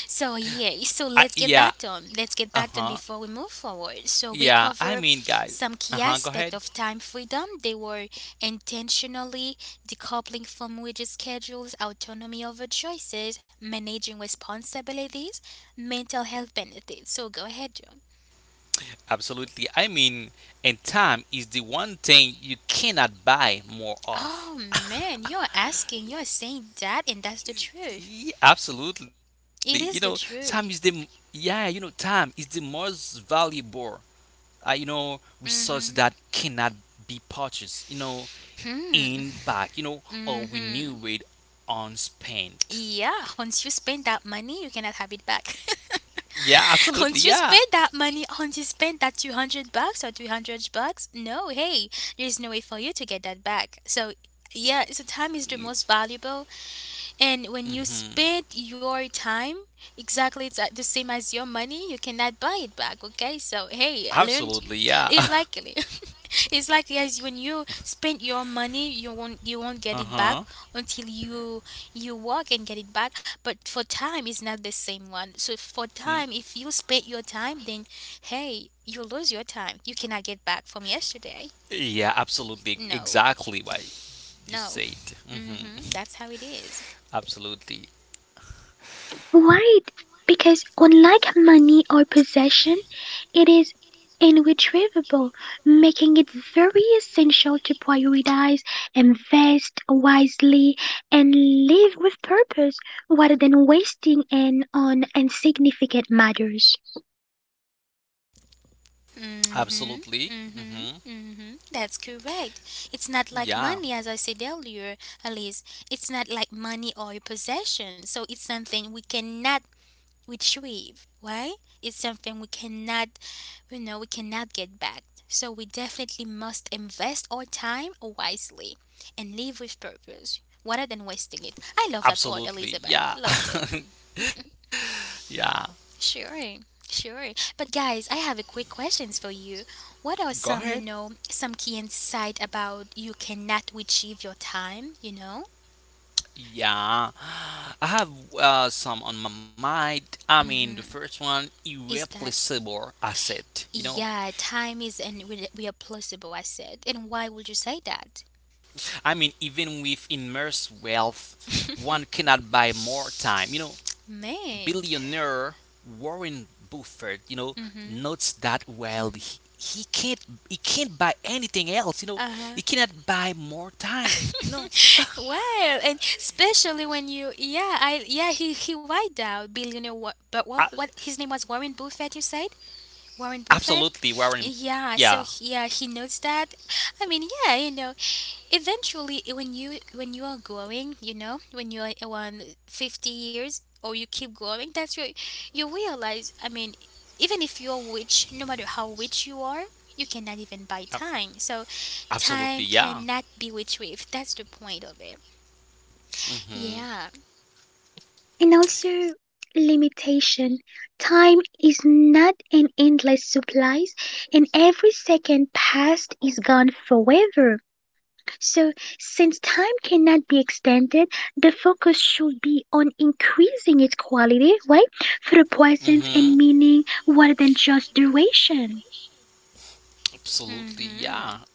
Speaker 1: So yeah, so let's get
Speaker 2: Yeah.
Speaker 1: back to 'em. Let's get back to 'em
Speaker 2: Uh-huh.
Speaker 1: before we move forward. So we
Speaker 2: Yeah, I
Speaker 1: cover
Speaker 2: mean, guys.
Speaker 1: some key
Speaker 2: Uh-huh. Go
Speaker 1: aspect
Speaker 2: ahead.
Speaker 1: of time freedom. They were intentionally decoupling from rigid schedules, autonomy over choices, managing responsibilities, mental health benefits. So go ahead, John.
Speaker 2: Absolutely. I mean, and time is the one thing you cannot buy more of.
Speaker 1: Oh man, you're saying that, and that's the truth.
Speaker 2: Yeah, absolutely. You know,
Speaker 1: It is
Speaker 2: time
Speaker 1: the
Speaker 2: is the m-
Speaker 1: truth.
Speaker 2: yeah. You know, time is the most valuable. You know, resource
Speaker 1: Mhm.
Speaker 2: that cannot be purchased. You know, in back, you know, or we knew it unspent.
Speaker 1: Yeah, once you spend that money, you cannot have it back. <laughs>
Speaker 2: Yeah,
Speaker 1: <laughs>
Speaker 2: absolutely.
Speaker 1: Once you
Speaker 2: Yeah.
Speaker 1: spend that money, once you spend that 200 bucks or 300 bucks, no, hey, there's no way for you to get that back. So, yeah, so time is the most valuable and when you spend
Speaker 2: hmm
Speaker 1: your time, exactly it's the same as your money, you cannot buy it back, okay? So hey, learn
Speaker 2: Absolutely. Yeah.
Speaker 1: it's
Speaker 2: <laughs>
Speaker 1: likely. <laughs> It's likely as when you spend your money, you won't get it
Speaker 2: Uh
Speaker 1: back until you work and get it back. But for time it's not the same one. So for
Speaker 2: huh.
Speaker 1: time, if you spend your time, then hey, you lose your time. You cannot get back from yesterday.
Speaker 2: Yeah, absolutely.
Speaker 1: No.
Speaker 2: Exactly what you
Speaker 1: No. <laughs>
Speaker 2: said. hmm
Speaker 1: Mhm. That's how it is.
Speaker 2: <laughs> Absolutely.
Speaker 3: Right, because unlike money or possession, it is irretrievable, making it very essential to prioritize, invest wisely, and live with purpose rather than wasting it on insignificant matters.
Speaker 2: Absolutely.
Speaker 1: Mm-hmm. Mm-hmm. Mm-hmm. That's correct. It's not
Speaker 2: Yeah.
Speaker 1: like money, as I said earlier, Elise. It's not like money or a possession. So it's something we cannot retrieve, right? It's something we cannot, you know, we cannot get back. So we definitely must invest our time wisely and live with purpose rather than wasting it. I love that part,
Speaker 2: Absolutely.
Speaker 1: Elizabeth.
Speaker 2: Yeah.
Speaker 1: Love.
Speaker 2: <laughs> yeah.
Speaker 1: Sure, sure. But guys, I have a quick questions for you.
Speaker 2: Go
Speaker 1: What are
Speaker 2: ahead.
Speaker 1: some, you know, some key insight about you cannot achieve your time, you know?
Speaker 2: Yeah, I have some on my mind. I mean, the first one,
Speaker 1: Is that
Speaker 2: irreplaceable asset. You know,
Speaker 1: yeah, time is and we are plausible, I said. And why would you say that?
Speaker 2: I mean, even with immense wealth, one cannot buy more time. You know,
Speaker 1: Man.
Speaker 2: billionaire Warren Buffett, you know,
Speaker 1: Mm-hmm.
Speaker 2: notes that while he can't buy anything else. You know,
Speaker 1: Uh-huh.
Speaker 2: he cannot buy more time. You know,
Speaker 1: <laughs> Well, and especially when you yeah, I yeah, he wiped out billionaire what but
Speaker 2: A-
Speaker 1: what his name was Warren Buffett, you said? Warren Buffett?
Speaker 2: absolutely, Warren.
Speaker 1: Yeah, so
Speaker 2: Yeah,
Speaker 1: yeah, he knows that. I mean, yeah, you know, eventually when you are growing, you know, when you are around 50 years or you keep growing, that's your you realize, I mean, even if you're rich, no matter how rich you are, you cannot even buy
Speaker 2: a-
Speaker 1: time. So
Speaker 2: absolutely,
Speaker 1: time
Speaker 2: yeah.
Speaker 1: cannot be retrieved. That's the point of it. Yeah.
Speaker 2: Mhm,
Speaker 3: And also, limitation. Time is not an endless supply, and every second past is gone forever. So, since time cannot be extended, the focus should be on increasing its quality, right? Through presence and
Speaker 2: mhm.
Speaker 3: meaning rather than just duration.
Speaker 2: Absolutely,
Speaker 1: Mhm.
Speaker 2: yeah.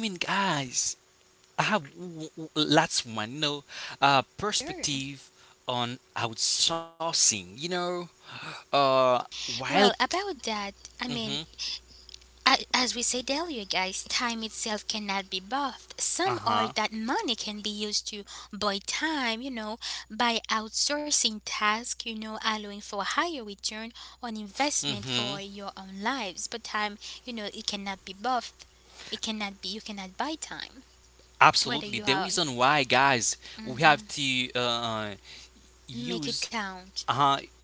Speaker 2: I mean, guys, I have lots of my, you know,
Speaker 1: Sure.
Speaker 2: perspective on outsourcing. You know, uh,
Speaker 1: Well,
Speaker 2: while,
Speaker 1: about that, I mean,
Speaker 2: mm-hmm,
Speaker 1: As we said earlier, guys, time itself cannot be bought. Some argue that
Speaker 2: uh-huh,
Speaker 1: money can be used to buy time, you know, by outsourcing tasks, you know, allowing for higher return on investment for
Speaker 2: mm-hmm,
Speaker 1: your own lives. But time, you know, it cannot be bought. It cannot be, you cannot buy time, whether
Speaker 2: absolutely.
Speaker 1: you
Speaker 2: The
Speaker 1: are,
Speaker 2: reason why, guys, we have to
Speaker 1: make it
Speaker 2: use
Speaker 1: count.
Speaker 2: uh,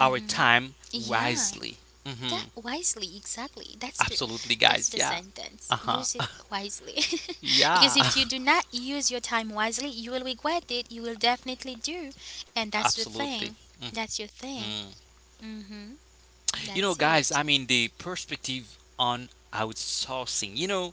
Speaker 2: our time
Speaker 1: Yeah.
Speaker 2: wisely.
Speaker 1: That
Speaker 2: Mm-hmm,
Speaker 1: wisely, exactly. That's the
Speaker 2: absolutely,
Speaker 1: that's the
Speaker 2: guys. Yeah.
Speaker 1: sentence. Use it
Speaker 2: Uh-huh.
Speaker 1: wisely. <laughs> Because if
Speaker 2: Yeah.
Speaker 1: you do
Speaker 2: <laughs>
Speaker 1: not use your time wisely, you will regret it. You will definitely do. And that's the thing.
Speaker 2: absolutely.
Speaker 1: That's your
Speaker 2: Mm-hmm.
Speaker 1: thing. Mhm.
Speaker 2: You know,
Speaker 1: That's
Speaker 2: guys, I
Speaker 1: it.
Speaker 2: mean the perspective on outsourcing. You know,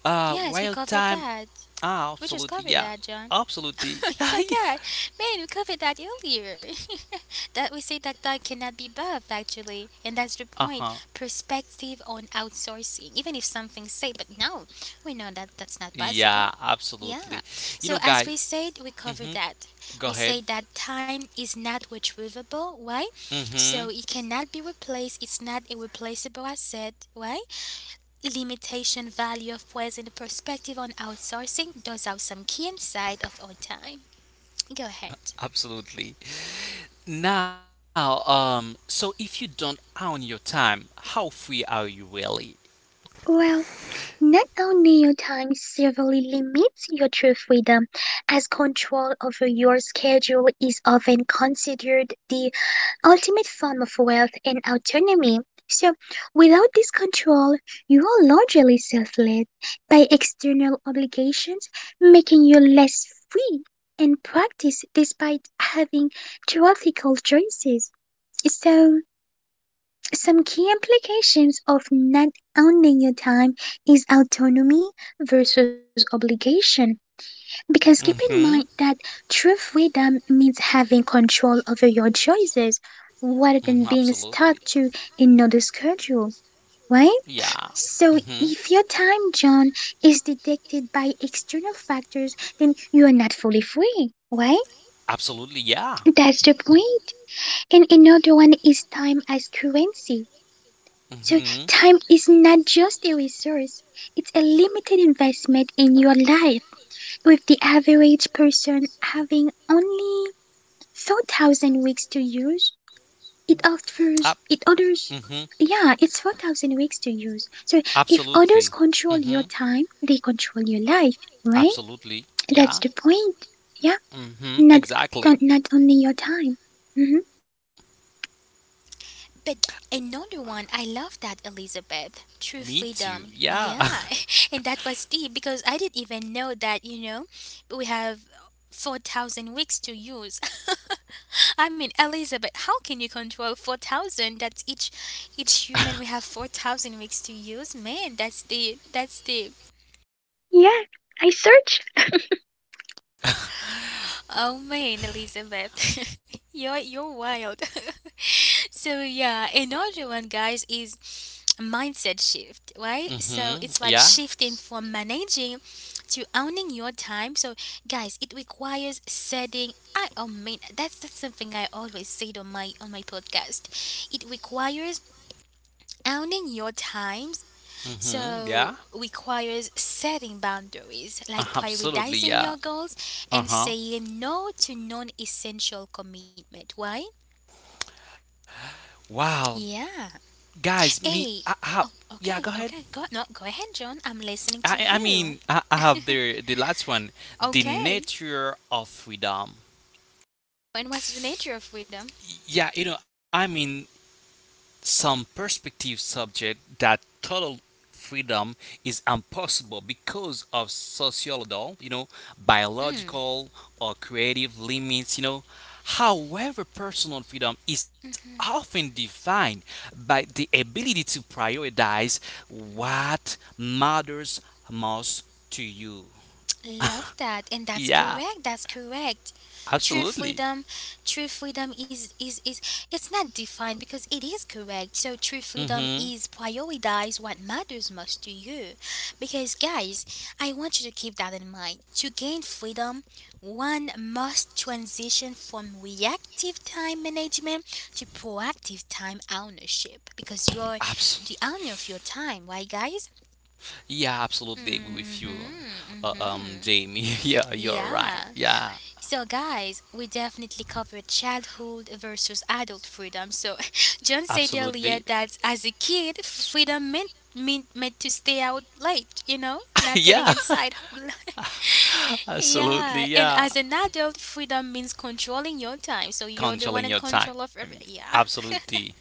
Speaker 1: Yes, we
Speaker 2: real
Speaker 1: covered
Speaker 2: time.
Speaker 1: that.
Speaker 2: Ah,
Speaker 1: We just
Speaker 2: absolutely.
Speaker 1: covered
Speaker 2: Yeah,
Speaker 1: that, John. <laughs>
Speaker 2: absolutely.
Speaker 1: You
Speaker 2: <laughs> yeah.
Speaker 1: forgot. Man, we covered that earlier. <laughs> That we say that that cannot be buff actually, and that's the
Speaker 2: Uh huh.
Speaker 1: point. Perspective on outsourcing, even if something say, but no, we know that that's not possible.
Speaker 2: Yeah,
Speaker 1: Yeah.
Speaker 2: absolutely. You
Speaker 1: So
Speaker 2: know,
Speaker 1: as
Speaker 2: guys.
Speaker 1: we said, we covered
Speaker 2: Mhm.
Speaker 1: that.
Speaker 2: Go
Speaker 1: We
Speaker 2: ahead.
Speaker 1: say that time is not retrievable, right?
Speaker 2: Mhm.
Speaker 1: So it cannot be replaced. It's not a replaceable asset, right? Limitation value of present perspective on outsourcing does have some key insight of our time. Go ahead.
Speaker 2: Absolutely. Now, so if you don't own your time, how free are you really?
Speaker 3: Well, not only your time severely limits your true freedom, as control over your schedule is often considered the ultimate form of wealth and autonomy. So, without this control, you are largely self led by external obligations, making you less free in practice despite having theoretical choices. So, some key implications of not owning your time is autonomy versus obligation. Because keep in mind that
Speaker 2: Mhm.
Speaker 3: true freedom means having control over your choices rather
Speaker 2: Mhm.
Speaker 3: than being
Speaker 2: Absolutely.
Speaker 3: stuck to another schedule, right?
Speaker 2: Yeah.
Speaker 3: So,
Speaker 2: Mhm.
Speaker 3: if your time, John, is dictated by external factors, then you are not fully free, right?
Speaker 2: Absolutely. Yeah.
Speaker 3: That's the point. And another one is time as currency. So,
Speaker 2: Mhm.
Speaker 3: time is not just a resource, it's a limited investment in your life with the average person having only 4,000 weeks to use. It offers it others
Speaker 2: Up.
Speaker 3: yeah, it's 4,000 weeks to use. So if others
Speaker 2: Absolutely.
Speaker 3: control your
Speaker 2: hmm
Speaker 3: time, they control your life, right?
Speaker 2: Absolutely.
Speaker 3: That's
Speaker 2: Yeah.
Speaker 3: the point. Yeah. Not not,
Speaker 2: Exactly.
Speaker 3: not only your time. hmm
Speaker 1: But another one, I love that Elizabeth. True
Speaker 2: Me too.
Speaker 1: freedom.
Speaker 2: Yeah.
Speaker 1: Yeah. <laughs> And that was deep because I didn't even know that, you know, we have 4,000 weeks to use. <laughs> I mean, Elizabeth, how can you control 4,000? That's each human we have 4,000 weeks to use. Man, that's deep. That's deep.
Speaker 3: Yeah. I search.
Speaker 1: Oh man, Elizabeth, <laughs> you're wild. <laughs> So yeah, another one, guys, is mindset shift,
Speaker 2: <laughs>
Speaker 1: right? So it's like
Speaker 2: Yeah.
Speaker 1: shifting from managing to owning your time. So guys, it requires setting. I oh man, that's something I always said on my podcast. It requires owning your time
Speaker 2: Yeah.
Speaker 1: so requires setting boundaries, like
Speaker 2: Absolutely.
Speaker 1: prioritizing
Speaker 2: Yeah.
Speaker 1: your goals
Speaker 2: Uh
Speaker 1: and
Speaker 2: huh.
Speaker 1: saying no to non-essential commitment. Why?
Speaker 2: Wow,
Speaker 1: Yeah.
Speaker 2: guys. Me. I
Speaker 1: Hey.
Speaker 2: have.
Speaker 1: Oh,
Speaker 2: Yeah. Go
Speaker 1: okay,
Speaker 2: ahead.
Speaker 1: okay. Go no, go ahead, John. I'm listening to you.
Speaker 2: I have the last one. The
Speaker 1: Okay.
Speaker 2: nature of freedom.
Speaker 1: And what's the nature of freedom?
Speaker 2: Yeah. You know. I mean, some perspectives subject that total freedom is impossible because of sociological, you know,
Speaker 1: Mm.
Speaker 2: biological or creative limits, you know. However, personal freedom is often defined by the ability to prioritize what matters most to you.
Speaker 1: Love that, and that's
Speaker 2: Yeah,
Speaker 1: correct. That's correct. True
Speaker 2: absolutely.
Speaker 1: freedom, true freedom is it's not defined because it is correct. So true freedom
Speaker 2: Mm-hmm.
Speaker 1: is prioritize what matters most to you. Because guys, I want you to keep that in mind. To gain freedom, one must transition from reactive time management to proactive time ownership. Because you're
Speaker 2: Absolutely.
Speaker 1: the owner of your time, right, guys?
Speaker 2: Yeah, absolutely agree with you,
Speaker 1: Mm-hmm. Mm-hmm.
Speaker 2: Jamie. <laughs> Yeah, you're right.
Speaker 1: Yeah.
Speaker 2: Yeah,
Speaker 1: So, guys, we definitely covered childhood versus adult freedom. So, <laughs> John said
Speaker 2: absolutely.
Speaker 1: earlier that as a kid, freedom meant to stay out late, you know, not getting
Speaker 2: <laughs> Yeah,
Speaker 1: inside. <laughs>
Speaker 2: absolutely.
Speaker 1: Yeah, and
Speaker 2: Yeah,
Speaker 1: as an adult, freedom means controlling your time. So you're the one in
Speaker 2: controlling your
Speaker 1: control of
Speaker 2: time.
Speaker 1: everything. Yeah,
Speaker 2: Absolutely.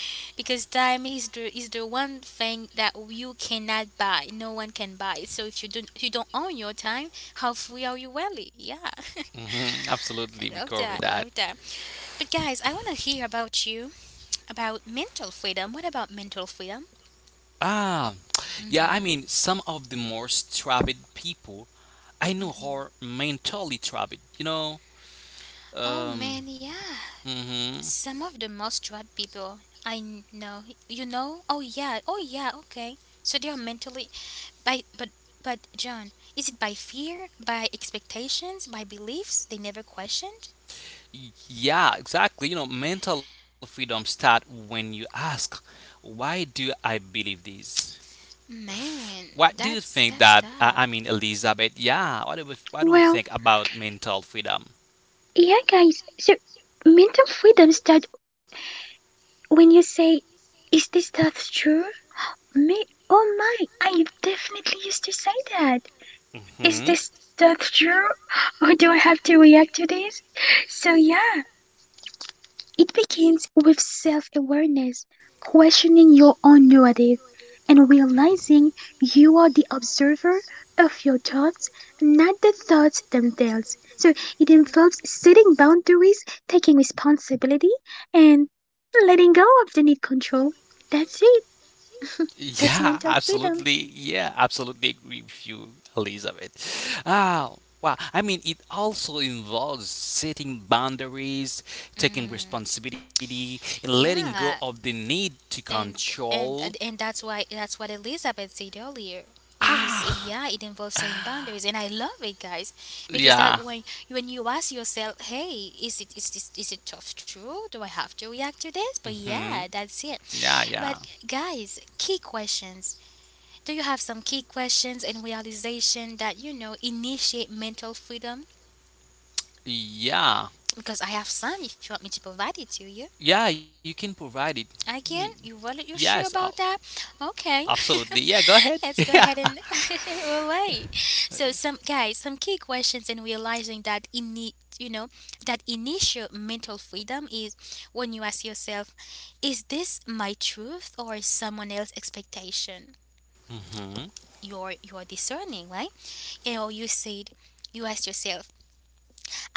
Speaker 1: <laughs> because time is the one thing that you cannot buy. No one can buy it. So if you don't own your time, how free are you really? Yeah, <laughs> I love
Speaker 2: Absolutely, we
Speaker 1: that.
Speaker 2: cover
Speaker 1: Love that.
Speaker 2: that.
Speaker 1: But guys, I want to hear about you about mental freedom. What about mental freedom?
Speaker 2: Ah, yeah. I
Speaker 1: Hmm.
Speaker 2: mean, some of the most troubled people I know are mentally troubled. You know.
Speaker 1: Oh man,
Speaker 2: Um.
Speaker 1: yeah.
Speaker 2: hmm
Speaker 1: Some of the most drugged people I know, you know. Oh yeah, oh yeah. Okay, so they are mentally by but. But John, is it by fear, by expectations, by beliefs they never questioned?
Speaker 2: Yeah, exactly. You know, mental freedom start when you ask, "Why do I believe this?"
Speaker 1: Man,
Speaker 2: What do you
Speaker 1: that's
Speaker 2: think
Speaker 1: that's
Speaker 2: that
Speaker 1: tough.
Speaker 2: Elizabeth? Yeah, what do you
Speaker 3: Well,
Speaker 2: think about mental freedom?
Speaker 3: yeah guys. So mental freedom starts when you say, is this stuff true? Me, oh my, I definitely used to say that. Is this
Speaker 2: hmm
Speaker 3: stuff true? Or do I have to react to this? So, yeah, it begins with self awareness, questioning your own narrative, and realizing you are the observer of your thoughts, not the thoughts themselves. So, it involves setting boundaries, taking responsibility, and letting go of the need control. That's it. That's
Speaker 2: Yeah,
Speaker 3: mental freedom.
Speaker 2: absolutely. Yeah, absolutely agree with you, Elizabeth. Ah, wow. I mean, it also involves setting boundaries, taking
Speaker 1: Mm,
Speaker 2: responsibility, and letting
Speaker 1: yeah,
Speaker 2: go of the need to
Speaker 1: and and and
Speaker 2: control.
Speaker 1: and that's why that's what Elizabeth said earlier. It moves,
Speaker 2: Ah,
Speaker 1: yeah, it involves setting boundaries, and I love it, guys, because that
Speaker 2: yeah.
Speaker 1: when you ask yourself, hey, is it tough true? Do I have to react to this? But
Speaker 2: hmm
Speaker 1: yeah, that's it.
Speaker 2: Yeah,
Speaker 1: But guys, key questions. Do you have some key questions and realization that initiate mental freedom?
Speaker 2: yeah,
Speaker 1: Because I have some if you want me to provide it to you.
Speaker 2: yeah. You can provide it. Mm,
Speaker 1: Again, you
Speaker 2: yes,
Speaker 1: sure about that? Okay,
Speaker 2: absolutely. Yeah, go ahead.
Speaker 1: <laughs>
Speaker 2: <laughs>
Speaker 1: let's go
Speaker 2: Yeah.
Speaker 1: ahead and <laughs> we'll wait. So some guys, some key questions in realizing that in you know that initial mental freedom is when you ask yourself, is this my truth or is someone else's expectation?
Speaker 2: Mm-hmm.
Speaker 1: You're discerning, right? You said you ask yourself,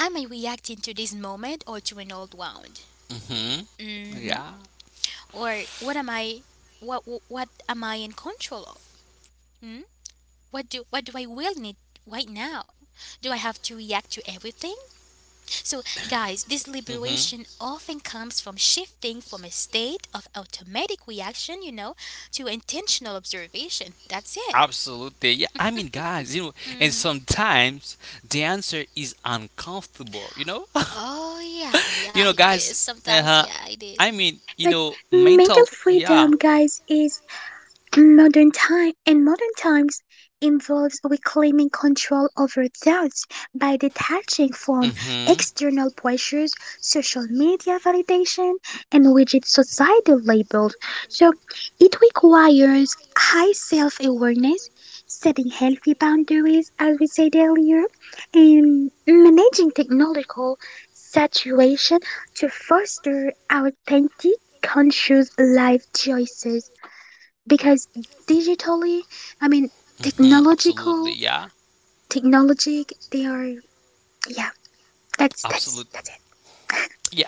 Speaker 1: am I reacting to this moment or to an old wound?
Speaker 2: Mm-hmm. Yeah.
Speaker 1: Or what am I in control of? Hmm? What do I will need right now? Do I have to react to everything? So guys, this
Speaker 2: Mm-hmm.
Speaker 1: liberation often comes from shifting from a state of automatic reaction, to intentional observation. That's it.
Speaker 2: Absolutely. Yeah. I mean, guys, you know, and sometimes the answer is uncomfortable, you know?
Speaker 1: Oh yeah,
Speaker 2: <laughs> you
Speaker 1: yeah
Speaker 2: know,
Speaker 1: it is.
Speaker 2: guys,
Speaker 1: Sometimes
Speaker 2: uh-huh.
Speaker 1: yeah
Speaker 2: I
Speaker 1: it
Speaker 2: mean,
Speaker 1: is.
Speaker 2: you know,
Speaker 3: But
Speaker 2: mental.
Speaker 3: mental
Speaker 2: Yeah.
Speaker 3: freedom, guys, is modern times involves reclaiming control over thoughts by detaching from
Speaker 2: Mm-hmm.
Speaker 3: external pressures, social media validation, and rigid societal labels. So it requires high self-awareness, setting healthy boundaries, as we said earlier, and managing technological saturation to foster authentic, conscious life choices. Because digitally, I mean
Speaker 2: Mm-hmm.
Speaker 3: technological
Speaker 2: Absolutely. Yeah.
Speaker 3: technologic they are yeah, that's that's it.
Speaker 2: Absolutely.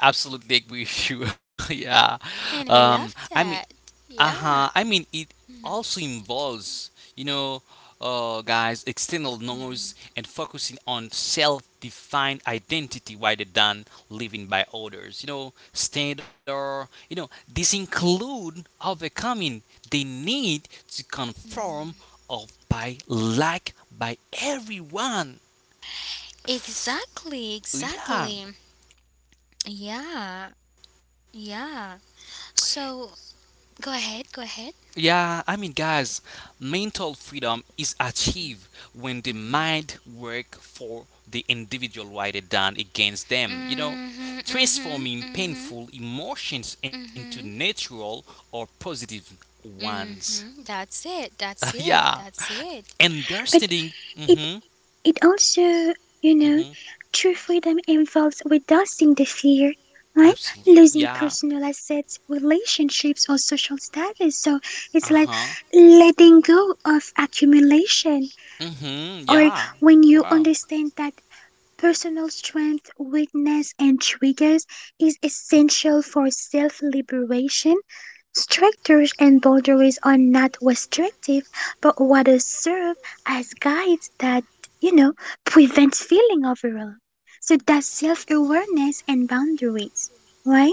Speaker 2: Yeah, absolutely agree with you. <laughs> yeah.
Speaker 1: And we
Speaker 2: Um,
Speaker 1: love
Speaker 2: I mean,
Speaker 1: that. Yeah.
Speaker 2: Uh-huh. I mean, it
Speaker 1: Mhm,
Speaker 2: also involves, you know, guys, external
Speaker 1: mhm,
Speaker 2: noise and focusing on self-defined identity rather than living by others. You know, standard. You know, this include overcoming the need to conform
Speaker 1: mhm.
Speaker 2: of by by everyone.
Speaker 1: Exactly,
Speaker 2: Yeah.
Speaker 1: exactly. Yeah. Yeah. So go ahead, go ahead.
Speaker 2: Yeah, I mean, guys, mental freedom is achieved when the mind work for the individual rather than against them. You know,
Speaker 1: Mhm, mhm,
Speaker 2: transforming
Speaker 1: mhm,
Speaker 2: painful emotions into
Speaker 1: mhm,
Speaker 2: natural or positive ones.
Speaker 1: mhm. That's it. That's
Speaker 2: <laughs>
Speaker 1: it.
Speaker 2: yeah,
Speaker 1: That's it.
Speaker 3: But
Speaker 2: understanding.
Speaker 3: it
Speaker 2: Mm-hmm.
Speaker 3: it also, you know,
Speaker 2: Mm-hmm.
Speaker 3: true freedom involves reducing the fear, right?
Speaker 2: Absolutely.
Speaker 3: Losing
Speaker 2: Yeah.
Speaker 3: personal assets, relationships or social status. So
Speaker 2: Uh
Speaker 3: it's like
Speaker 2: huh.
Speaker 3: letting go of accumulation
Speaker 2: Mm-hmm.
Speaker 3: or
Speaker 2: Yeah.
Speaker 3: when you
Speaker 2: Wow.
Speaker 3: understand that personal strength, weakness, and triggers is essential for self liberation. Structures and boundaries are not restrictive, but rather serve as guides that, you know, prevent feeling overwhelmed. So that's self awareness and boundaries, right?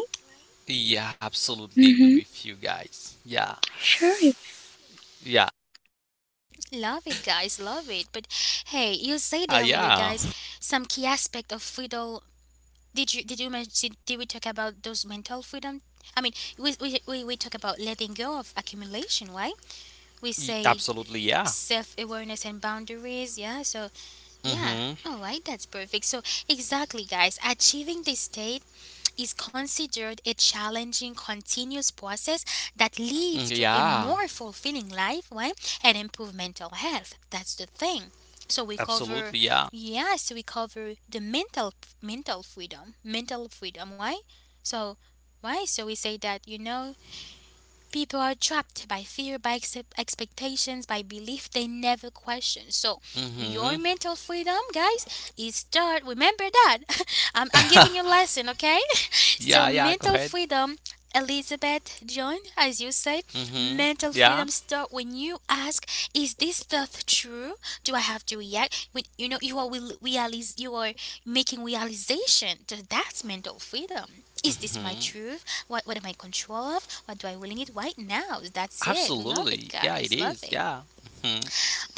Speaker 2: Yeah, absolutely agree
Speaker 3: Mm-hmm.
Speaker 2: with you guys. Yeah.
Speaker 3: Sure.
Speaker 2: Yeah.
Speaker 1: Love it, guys. Love it. But hey, you said earlier,
Speaker 2: Yeah.
Speaker 1: guys, some key aspect of freedom. Did you mention? Did we talk about those mental freedom? I mean, we talk about letting go of accumulation, right?
Speaker 2: Y-
Speaker 1: We say
Speaker 2: Absolutely, yeah.
Speaker 1: self awareness and boundaries. Yeah. So
Speaker 2: Mm-hmm.
Speaker 1: yeah. All right. That's perfect. So exactly, guys, achieving this state is considered a challenging, continuous process that
Speaker 2: Mm,
Speaker 1: leads to a
Speaker 2: yeah.
Speaker 1: more fulfilling life, right? And improve mental health. That's the thing. So we cover,
Speaker 2: Absolutely, yeah.
Speaker 1: yes, we cover the mental freedom, mental freedom, right? So, right? So we say that people are trapped by fear, by expectations, by belief they never question. So,
Speaker 2: Mm-hmm.
Speaker 1: your mental freedom, guys, is start. Remember that. <laughs> I'm giving you a lesson, okay? <laughs> so,
Speaker 2: Yeah, yeah, go
Speaker 1: mental
Speaker 2: ahead.
Speaker 1: freedom, Elizabeth John, as you said,
Speaker 2: Mm-hmm. Yeah.
Speaker 1: mental freedom start when you ask, "Is this stuff true? Do I have to react?" When you know you are will realize you are making realization. So that's mental freedom. Is this my
Speaker 2: Mm-hmm.
Speaker 1: truth? What am I in control of? What do I really need right now? That's it. Love it,
Speaker 2: Absolutely. Yeah, it
Speaker 1: guys. Love
Speaker 2: is.
Speaker 1: it.
Speaker 2: Yeah. Mm-hmm.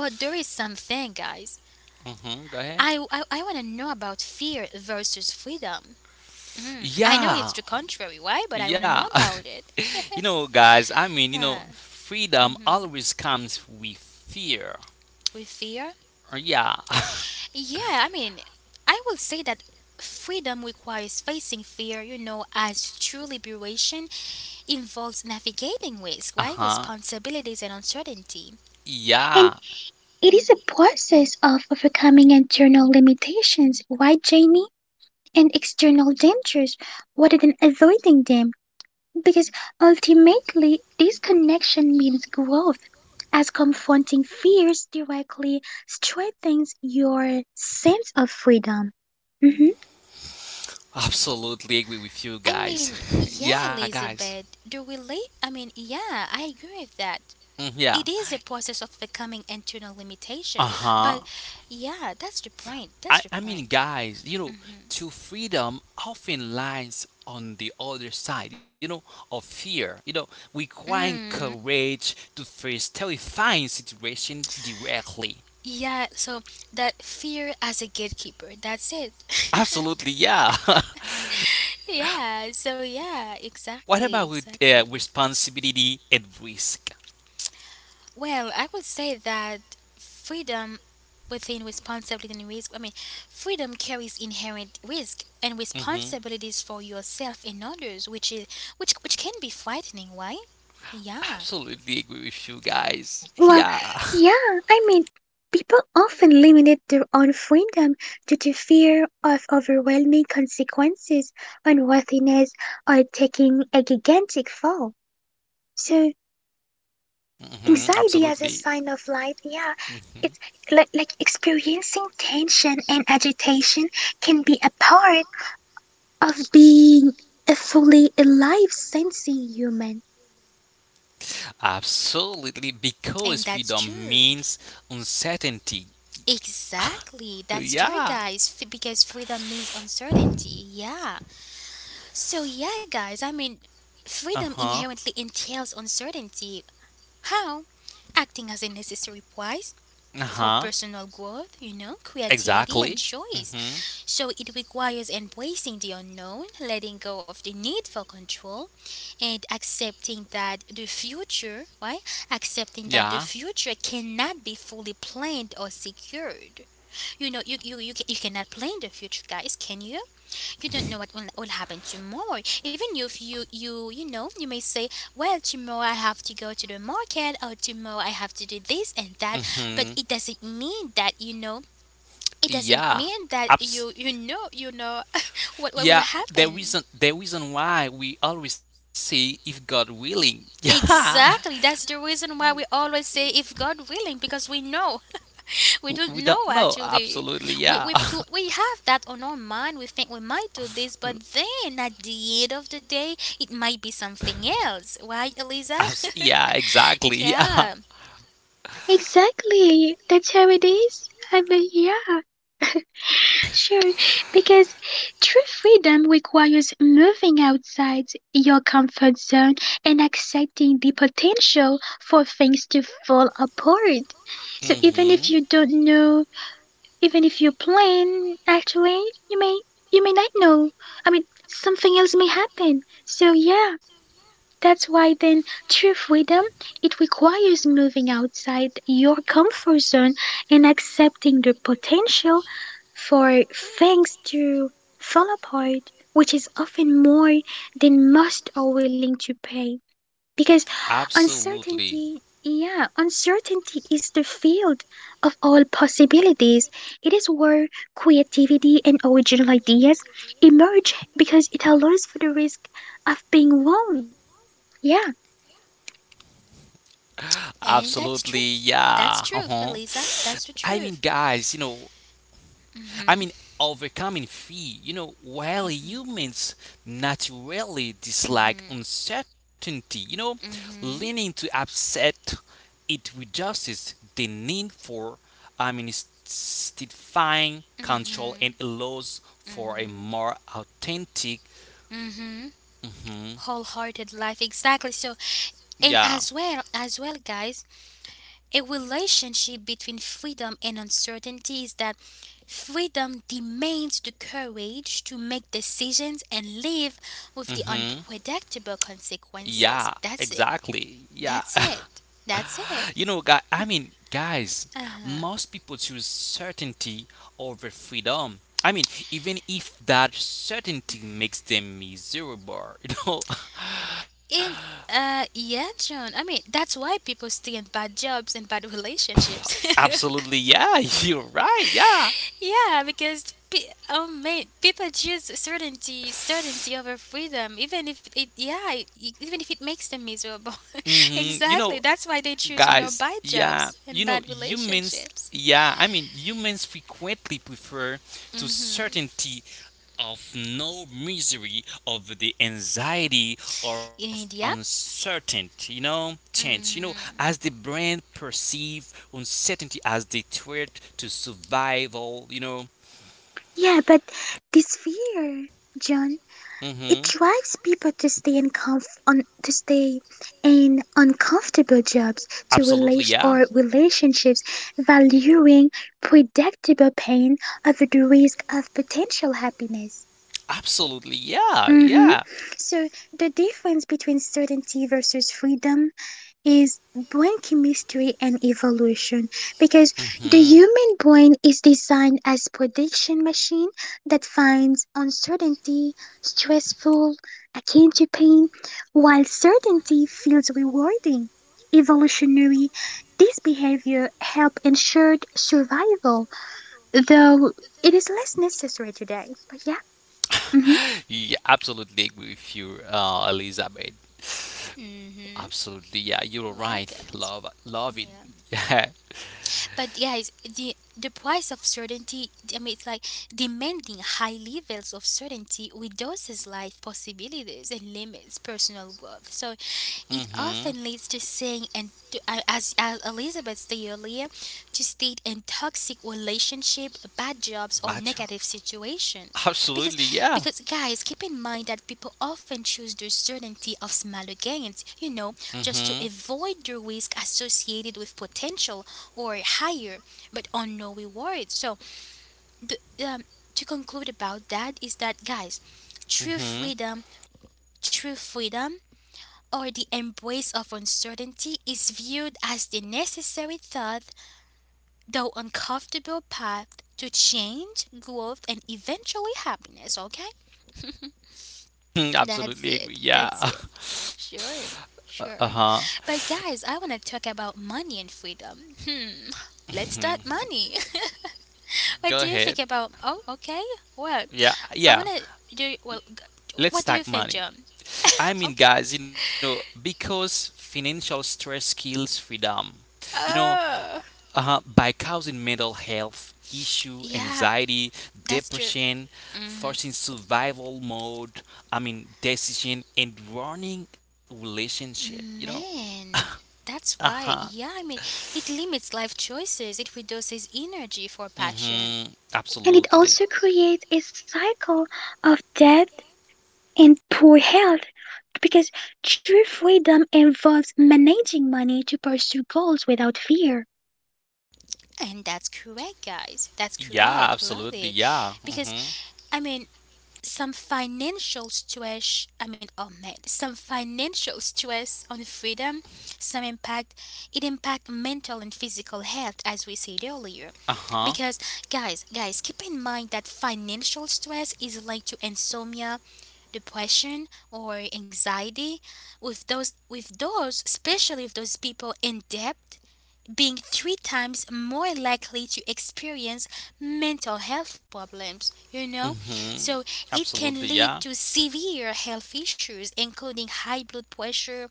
Speaker 1: But there is something, guys.
Speaker 2: Mm-hmm. Go ahead.
Speaker 1: I want to know about fear versus freedom. Mm. I know it's
Speaker 2: Yeah.
Speaker 1: the contrary, right? But I want to know
Speaker 2: Yeah.
Speaker 1: about it.
Speaker 2: <laughs> Guys, freedom always comes with fear.
Speaker 1: With fear,
Speaker 2: Yeah. <laughs>
Speaker 1: yeah, I mean, I will say that freedom requires facing fear, as true liberation involves navigating risk, right?
Speaker 2: Uh-huh.
Speaker 1: Responsibilities and uncertainty.
Speaker 3: And
Speaker 2: Yeah.
Speaker 3: it is a process of overcoming internal limitations, right, Jamie? And external dangers rather than avoiding them. Because ultimately, this connection means growth, as confronting fears directly strengthens your sense of freedom. Hmm
Speaker 2: Absolutely agree with you
Speaker 1: I
Speaker 2: guys.
Speaker 1: mean,
Speaker 2: <laughs>
Speaker 1: yeah,
Speaker 2: yeah, guys.
Speaker 1: Elizabeth, do we late? I mean, yeah, I agree with that.
Speaker 2: Mm, yeah.
Speaker 1: It is a process of becoming internal
Speaker 2: Uh
Speaker 1: limitation, but
Speaker 2: huh.
Speaker 1: yeah, that's the point. That's
Speaker 2: I,
Speaker 1: the
Speaker 2: I mean,
Speaker 1: point.
Speaker 2: guys, you know, to freedom often lies on the other side, you know, of fear, you know, requiring
Speaker 1: Mm.
Speaker 2: courage to face terrifying situation directly.
Speaker 1: Yeah, so that fear as a gatekeeper, that's it. <laughs>
Speaker 2: Absolutely, yeah. <laughs>
Speaker 1: Yeah, so yeah,
Speaker 2: what
Speaker 1: exactly,
Speaker 2: about with
Speaker 1: exactly.
Speaker 2: responsibility and risk?
Speaker 1: Well, I would say that freedom within responsibility and risk, I mean, freedom carries inherent risk and
Speaker 2: Mm-hmm.
Speaker 1: responsibilities for yourself and others, which is which can be frightening, right? Yeah.
Speaker 2: Absolutely agree with you guys.
Speaker 3: Well,
Speaker 2: Yeah. <laughs>
Speaker 3: yeah, I mean, people often limit their own freedom due to fear of overwhelming consequences, unworthiness, or taking a gigantic fall. So,
Speaker 2: Mm-hmm.
Speaker 3: anxiety as a
Speaker 2: Absolutely.
Speaker 3: sign of life, yeah, it's
Speaker 2: Mm-hmm.
Speaker 3: like experiencing tension and agitation can be a part of being a fully alive sensing human.
Speaker 2: Absolutely, because
Speaker 1: And that's
Speaker 2: freedom
Speaker 1: true.
Speaker 2: means uncertainty.
Speaker 1: Exactly. That's true,
Speaker 2: <laughs> yeah.
Speaker 1: guys, because freedom means uncertainty. Yeah. So yeah, guys, I mean,
Speaker 2: Uh
Speaker 1: freedom
Speaker 2: huh.
Speaker 1: inherently entails uncertainty. How? Acting as a necessary price
Speaker 2: Uh
Speaker 1: for
Speaker 2: huh.
Speaker 1: personal growth, creativity and
Speaker 2: Exactly.
Speaker 1: choice.
Speaker 2: Mm hmm.
Speaker 1: So it requires embracing the unknown, letting go of the need for control, and accepting that the future, right? Accepting that the
Speaker 2: Yeah.
Speaker 1: future cannot be fully planned or secured. You cannot plan the future, guys, can you? You don't know what will happen tomorrow, even if you may say, well, tomorrow I have to go to the market or tomorrow I have to do this and that,
Speaker 2: Mm
Speaker 1: but
Speaker 2: hmm.
Speaker 1: it doesn't mean that it doesn't
Speaker 2: Yeah.
Speaker 1: mean that
Speaker 2: Abs-
Speaker 1: you know <laughs> what will
Speaker 2: yeah. The
Speaker 1: happen.
Speaker 2: reason, the reason why we always say if God willing. <laughs> Yeah.
Speaker 1: Exactly, that's the reason why we always say if God willing, because we know. We don't
Speaker 2: W- We don't
Speaker 1: know
Speaker 2: know.
Speaker 1: actually.
Speaker 2: Absolutely.
Speaker 1: We we
Speaker 2: Yeah. <laughs>
Speaker 1: pl- we have that on our mind. We think we might do this, but then at the end of the day, it might be something else. Right, Eliza?
Speaker 2: Abs- yeah.
Speaker 1: <laughs>
Speaker 2: Exactly. <laughs> Yeah.
Speaker 1: yeah,
Speaker 3: Exactly. That's how it is. I mean, yeah, sure. Because true freedom requires moving outside your comfort zone and accepting the potential for things to fall apart. So
Speaker 2: Mm
Speaker 3: even if
Speaker 2: hmm.
Speaker 3: you don't know. Even if you plan, actually, you may you may not know. I mean, something else may happen. So yeah, that's why then true freedom it requires moving outside your comfort zone and accepting the potential for things to fall apart, which is often more than most are willing to pay. Because
Speaker 2: Absolutely.
Speaker 3: uncertainty, yeah, uncertainty is the field of all possibilities. It is where creativity and original ideas emerge because it allows for the risk of being wrong. Yeah,
Speaker 1: and
Speaker 2: Absolutely,
Speaker 1: that's truth.
Speaker 2: yeah.
Speaker 1: That's
Speaker 2: Uh-huh.
Speaker 1: truth, Eliza. That's the
Speaker 2: I mean,
Speaker 1: truth.
Speaker 2: guys, I mean,
Speaker 1: Mhm.
Speaker 2: overcoming fear, you know, while humans naturally dislike
Speaker 1: Mhm.
Speaker 2: uncertainty, you know, leaning
Speaker 1: Mhm.
Speaker 2: to upset, it reduces the need for, I mean, steadfying control and
Speaker 1: Mhm.
Speaker 2: allows for a
Speaker 1: Mhm.
Speaker 2: more authentic,
Speaker 1: Mhm.
Speaker 2: hmm
Speaker 1: Wholehearted life, exactly. So, and
Speaker 2: yeah,
Speaker 1: as well, guys, a relationship between freedom and uncertainty is that freedom demands the courage to make decisions and live with the
Speaker 2: hmm
Speaker 1: unpredictable consequences.
Speaker 2: yeah,
Speaker 1: That's it.
Speaker 2: exactly, yeah.
Speaker 1: That's it. That's it.
Speaker 2: You know, guys,
Speaker 1: Uh-huh.
Speaker 2: most people choose certainty over freedom. I mean, even if that certainty makes them miserable, <laughs> you know,
Speaker 1: And yeah, John. I mean, that's why people stay in bad jobs and bad relationships. <laughs>
Speaker 2: absolutely, yeah, <laughs> you're right, yeah.
Speaker 1: Yeah, because mate, people choose certainty over freedom, even if yeah, even if it makes them miserable. <laughs>
Speaker 2: hmm You know,
Speaker 1: exactly. That's why they choose,
Speaker 2: guys,
Speaker 1: bad
Speaker 2: yeah,
Speaker 1: jobs and bad relationships.
Speaker 2: I mean, humans frequently prefer to
Speaker 1: Mm-hmm.
Speaker 2: certainty of no misery of the anxiety of
Speaker 1: And yeah.
Speaker 2: uncertain, you know, change, you know, as the
Speaker 1: Mm-hmm.
Speaker 2: brain perceive uncertainty as the threat to survival, you know.
Speaker 3: yeah, but this fear, John, it
Speaker 2: Mm-hmm.
Speaker 3: drives people to stay in comf on to stay in uncomfortable jobs, to
Speaker 2: Absolutely, yeah.
Speaker 3: relationships, valuing predictable pain over the risk of potential happiness.
Speaker 2: Absolutely, yeah,
Speaker 3: Hmm
Speaker 2: yeah.
Speaker 3: So the difference between certainty versus freedom is brain chemistry and evolution because the
Speaker 2: hmm
Speaker 3: human brain is designed as prediction machine that finds uncertainty stressful, akin to pain, while certainty feels rewarding. Evolutionary, this behavior help ensured survival, though it is less necessary today. But yeah. Mhm.
Speaker 2: Yeah, absolutely agree with you, Elizabeth.
Speaker 1: Mm-hmm.
Speaker 2: Absolutely, yeah, you're right.
Speaker 1: Right, guys.
Speaker 2: Love it. <laughs>
Speaker 1: Yeah.
Speaker 2: Yeah.
Speaker 1: But guys, the price of certainty, I mean, it's like demanding high levels of certainty reduces life possibilities and limits personal growth. So it
Speaker 2: Mm-hmm.
Speaker 1: often leads to saying, and as Elizabeth stated earlier, to state in toxic relationship, bad jobs, or
Speaker 2: Bachelor.
Speaker 1: negative situations. Because,
Speaker 2: Absolutely, yeah.
Speaker 1: because, guys, keep in mind that people often choose the certainty of smaller gains, just
Speaker 2: Mm-hmm.
Speaker 1: to avoid the risk associated with potential or higher but unknown rewards. So, the, um, to conclude about that is that, guys, true
Speaker 2: Mm-hmm.
Speaker 1: freedom, true freedom, or the embrace of uncertainty is viewed as the necessary thought, though uncomfortable path to change, growth, and eventually happiness, okay?
Speaker 2: <laughs>
Speaker 1: That's
Speaker 2: Absolutely agree.
Speaker 1: it. That's
Speaker 2: Yeah.
Speaker 1: it.
Speaker 2: <laughs>
Speaker 1: Sure. Sure.
Speaker 2: Uh-huh.
Speaker 1: But guys, I want to talk about money and freedom. Let's
Speaker 2: Mhm.
Speaker 1: start money.
Speaker 2: Go
Speaker 1: <laughs> what do you
Speaker 2: ahead.
Speaker 1: think about? Oh, okay. Well,
Speaker 2: Yeah,
Speaker 1: I
Speaker 2: yeah.
Speaker 1: want to do. Well,
Speaker 2: Let's
Speaker 1: what do you
Speaker 2: talk
Speaker 1: think,
Speaker 2: money.
Speaker 1: John?
Speaker 2: I mean,
Speaker 1: Okay.
Speaker 2: guys, you know, because financial stress kills freedom. You know,
Speaker 1: Oh,
Speaker 2: by causing mental health issue,
Speaker 1: yeah,
Speaker 2: anxiety,
Speaker 1: that's true.
Speaker 2: depression,
Speaker 1: Hmm.
Speaker 2: forcing survival mode. I mean decision and running relationship. You know.
Speaker 1: Man,
Speaker 2: Uh
Speaker 1: that's why.
Speaker 2: huh.
Speaker 1: Yeah, I mean, it limits life choices. It reduces energy for passion.
Speaker 2: Mm-hmm.
Speaker 3: And it
Speaker 2: Absolutely.
Speaker 3: also creates a cycle of debt and poor health because true freedom involves managing money to pursue goals without fear.
Speaker 1: And that's correct, guys. That's
Speaker 2: Yeah.
Speaker 1: correct. Love
Speaker 2: Absolutely.
Speaker 1: it.
Speaker 2: Yeah.
Speaker 1: Because,
Speaker 2: Mm-hmm.
Speaker 1: I mean, some financial stress, I mean, oh man, some financial stress on freedom, some impact, it impact mental and physical health as we said earlier,
Speaker 2: Uh huh.
Speaker 1: because guys, keep in mind that financial stress is linked to insomnia, depression or anxiety, with those especially with those people in debt being three times more likely to experience mental health problems, you know?
Speaker 2: Mm-hmm.
Speaker 1: So it can
Speaker 2: Absolutely.
Speaker 1: lead
Speaker 2: Yeah.
Speaker 1: to severe health issues, including high blood pressure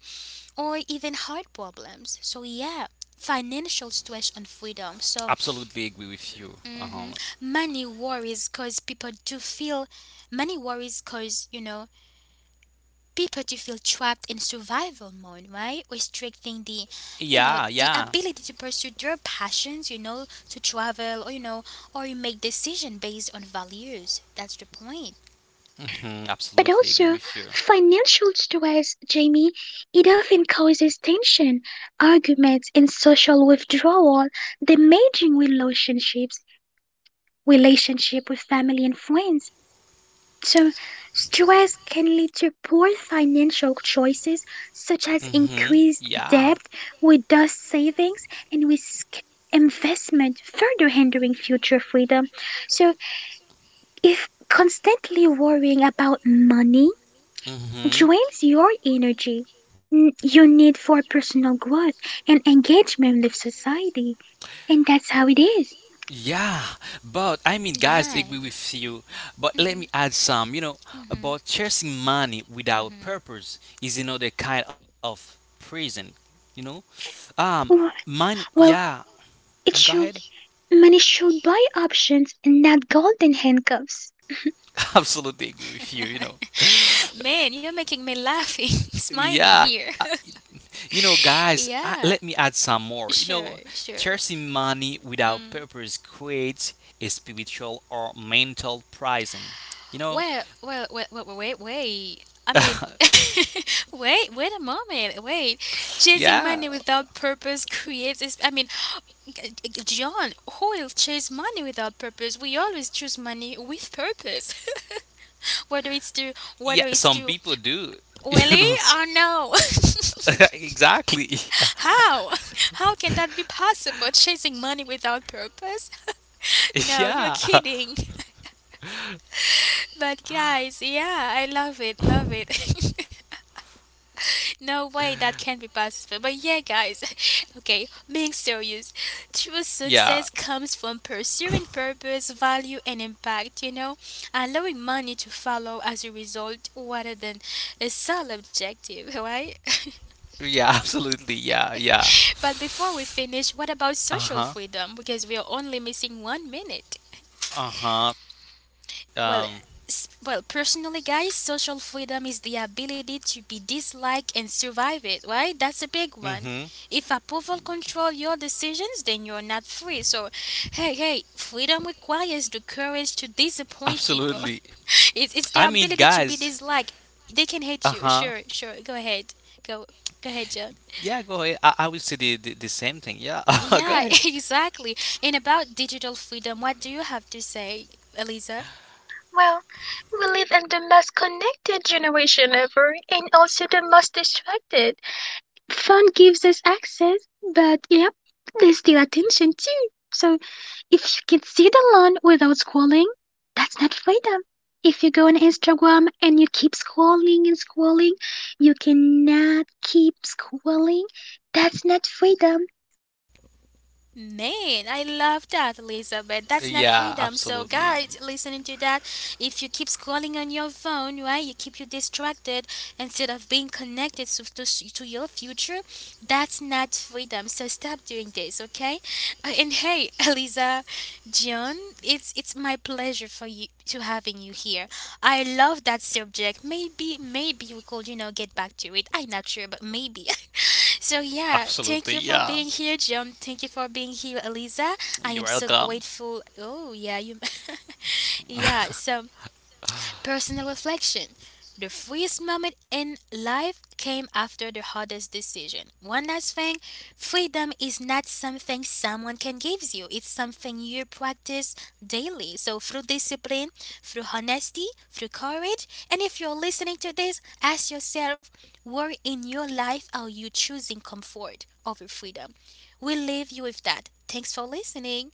Speaker 1: or even heart problems. So, yeah. Financial stress on freedom. So,
Speaker 2: Absolutely agree with you. Uh huh.
Speaker 1: mhm, money worries cause people to feel trapped in survival mode, right? Restricting the, you
Speaker 2: Yeah.
Speaker 1: know,
Speaker 2: Yeah.
Speaker 1: the ability to pursue their passions, to travel, or you make decision based on values. That's the point.
Speaker 2: Mm-hmm.
Speaker 3: But
Speaker 2: Absolutely agree
Speaker 3: also,
Speaker 2: with you.
Speaker 3: financial stress, Jamie, it often causes tension, arguments, and social withdrawal, damaging relationships, relationship with family and friends. So, stress can lead to poor financial choices such as
Speaker 2: Mm-hmm.
Speaker 3: increased
Speaker 2: Yeah.
Speaker 3: debt, reduced savings, and risk investment, further hindering future freedom. So, if constantly worrying about money
Speaker 2: Mm-hmm.
Speaker 3: drains your energy, your need for personal growth and engagement with society, and that's how it is.
Speaker 2: Yeah, but I mean, guys,
Speaker 1: Yeah.
Speaker 2: agree with you. But let
Speaker 1: Hmm.
Speaker 2: me add some, you know,
Speaker 1: Hmm.
Speaker 2: about chasing money without purpose is another kind of prison, you know. Um,
Speaker 3: W-
Speaker 2: money,
Speaker 3: Well,
Speaker 2: yeah, mm,
Speaker 3: it
Speaker 2: go ahead.
Speaker 3: should. Money should buy options, not golden handcuffs.
Speaker 2: <laughs> Absolutely agree with you, you know. <laughs>
Speaker 1: Man, you're making me laughing, <laughs> smiling
Speaker 2: Yeah,
Speaker 1: here.
Speaker 2: you know, guys,
Speaker 1: <laughs>
Speaker 2: I, let
Speaker 1: yeah,
Speaker 2: me add some more. You know,
Speaker 1: sure, sure.
Speaker 2: chasing money without
Speaker 1: Mm.
Speaker 2: purpose creates a spiritual or mental prison, you
Speaker 1: Well,
Speaker 2: know.
Speaker 1: well, wait, wait, wait, wait. I mean, <laughs> wait, wait a moment. Wait,
Speaker 2: <laughs>
Speaker 1: chasing
Speaker 2: yeah
Speaker 1: money without purpose creates. I mean, John, who will chase money without purpose? We always choose money with purpose. <laughs> whether it's to, whether
Speaker 2: yeah
Speaker 1: it's to,
Speaker 2: some people do <laughs>
Speaker 1: really
Speaker 2: you know
Speaker 1: or no.
Speaker 2: <laughs> exactly
Speaker 1: <laughs> How? How can that be possible? Chasing money without purpose? <laughs>
Speaker 2: <laughs>
Speaker 1: No, you're
Speaker 2: yeah
Speaker 1: kidding. <laughs> But guys, yeah, I love it, love it. <laughs> No way that can be possible. But yeah, guys, <laughs> okay, being serious, true
Speaker 2: yeah
Speaker 1: success comes from pursuing purpose, value, and impact, allowing money to follow as a result rather than a sole objective, <laughs> right?
Speaker 2: yeah <laughs> absolutely yeah
Speaker 1: <laughs> but before we finish, what about social
Speaker 2: uh-huh
Speaker 1: freedom? Because we are only missing 1 minute.
Speaker 2: uh-huh
Speaker 1: Well,
Speaker 2: um
Speaker 1: well, personally, guys, social freedom is the ability to be disliked and survive it, right? That's a big
Speaker 2: mm-hmm
Speaker 1: one. If approval control your decisions, then you're not free. So, hey, hey, freedom requires the courage to disappoint people. <laughs>
Speaker 2: absolutely
Speaker 1: It's the
Speaker 2: I mean
Speaker 1: ability to be
Speaker 2: guys
Speaker 1: disliked. They can hate you.
Speaker 2: uh-huh
Speaker 1: Sure, sure. Go ahead. Go, go ahead, John.
Speaker 2: yeah go ahead I will say the the same thing yeah <laughs> go ahead
Speaker 1: Yeah, <laughs> exactly. And about digital freedom, what do you have to say, Elisa?
Speaker 3: Well, we live in the most connected generation ever and also the most distracted. Phone gives us access, but yep, there's still attention too. So if you can sit alone without scrolling, that's not freedom. If you go on Instagram and you keep scrolling and scrolling, you cannot keep scrolling. That's not freedom.
Speaker 1: Man, I love that, Elizabeth. That's not
Speaker 2: yeah
Speaker 1: freedom. So,
Speaker 2: absolutely
Speaker 1: guys, listening to that, if you keep scrolling on your phone, right, you keep you distracted instead of being connected to your future, that's not freedom. So, stop doing this, okay? And hey, <laughs> Eliza, John, it's my pleasure for you to having you here. I love that subject. Maybe we could, get back to it. I'm not sure, but maybe. <laughs> So yeah,
Speaker 2: absolutely
Speaker 1: thank you for
Speaker 2: yeah
Speaker 1: being here, John. Thank you for being here, Eliza. I
Speaker 2: you're
Speaker 1: am so
Speaker 2: welcome
Speaker 1: grateful. Oh yeah, you. <laughs> yeah. So, personal reflection. The freest moment in life came after the hardest decision. One last thing: freedom is not something someone can give you, it's something you practice daily. So, through discipline, through honesty, through courage, and if you're listening to this, ask yourself, where in your life are you choosing comfort over freedom? We leave you with that. Thanks for listening.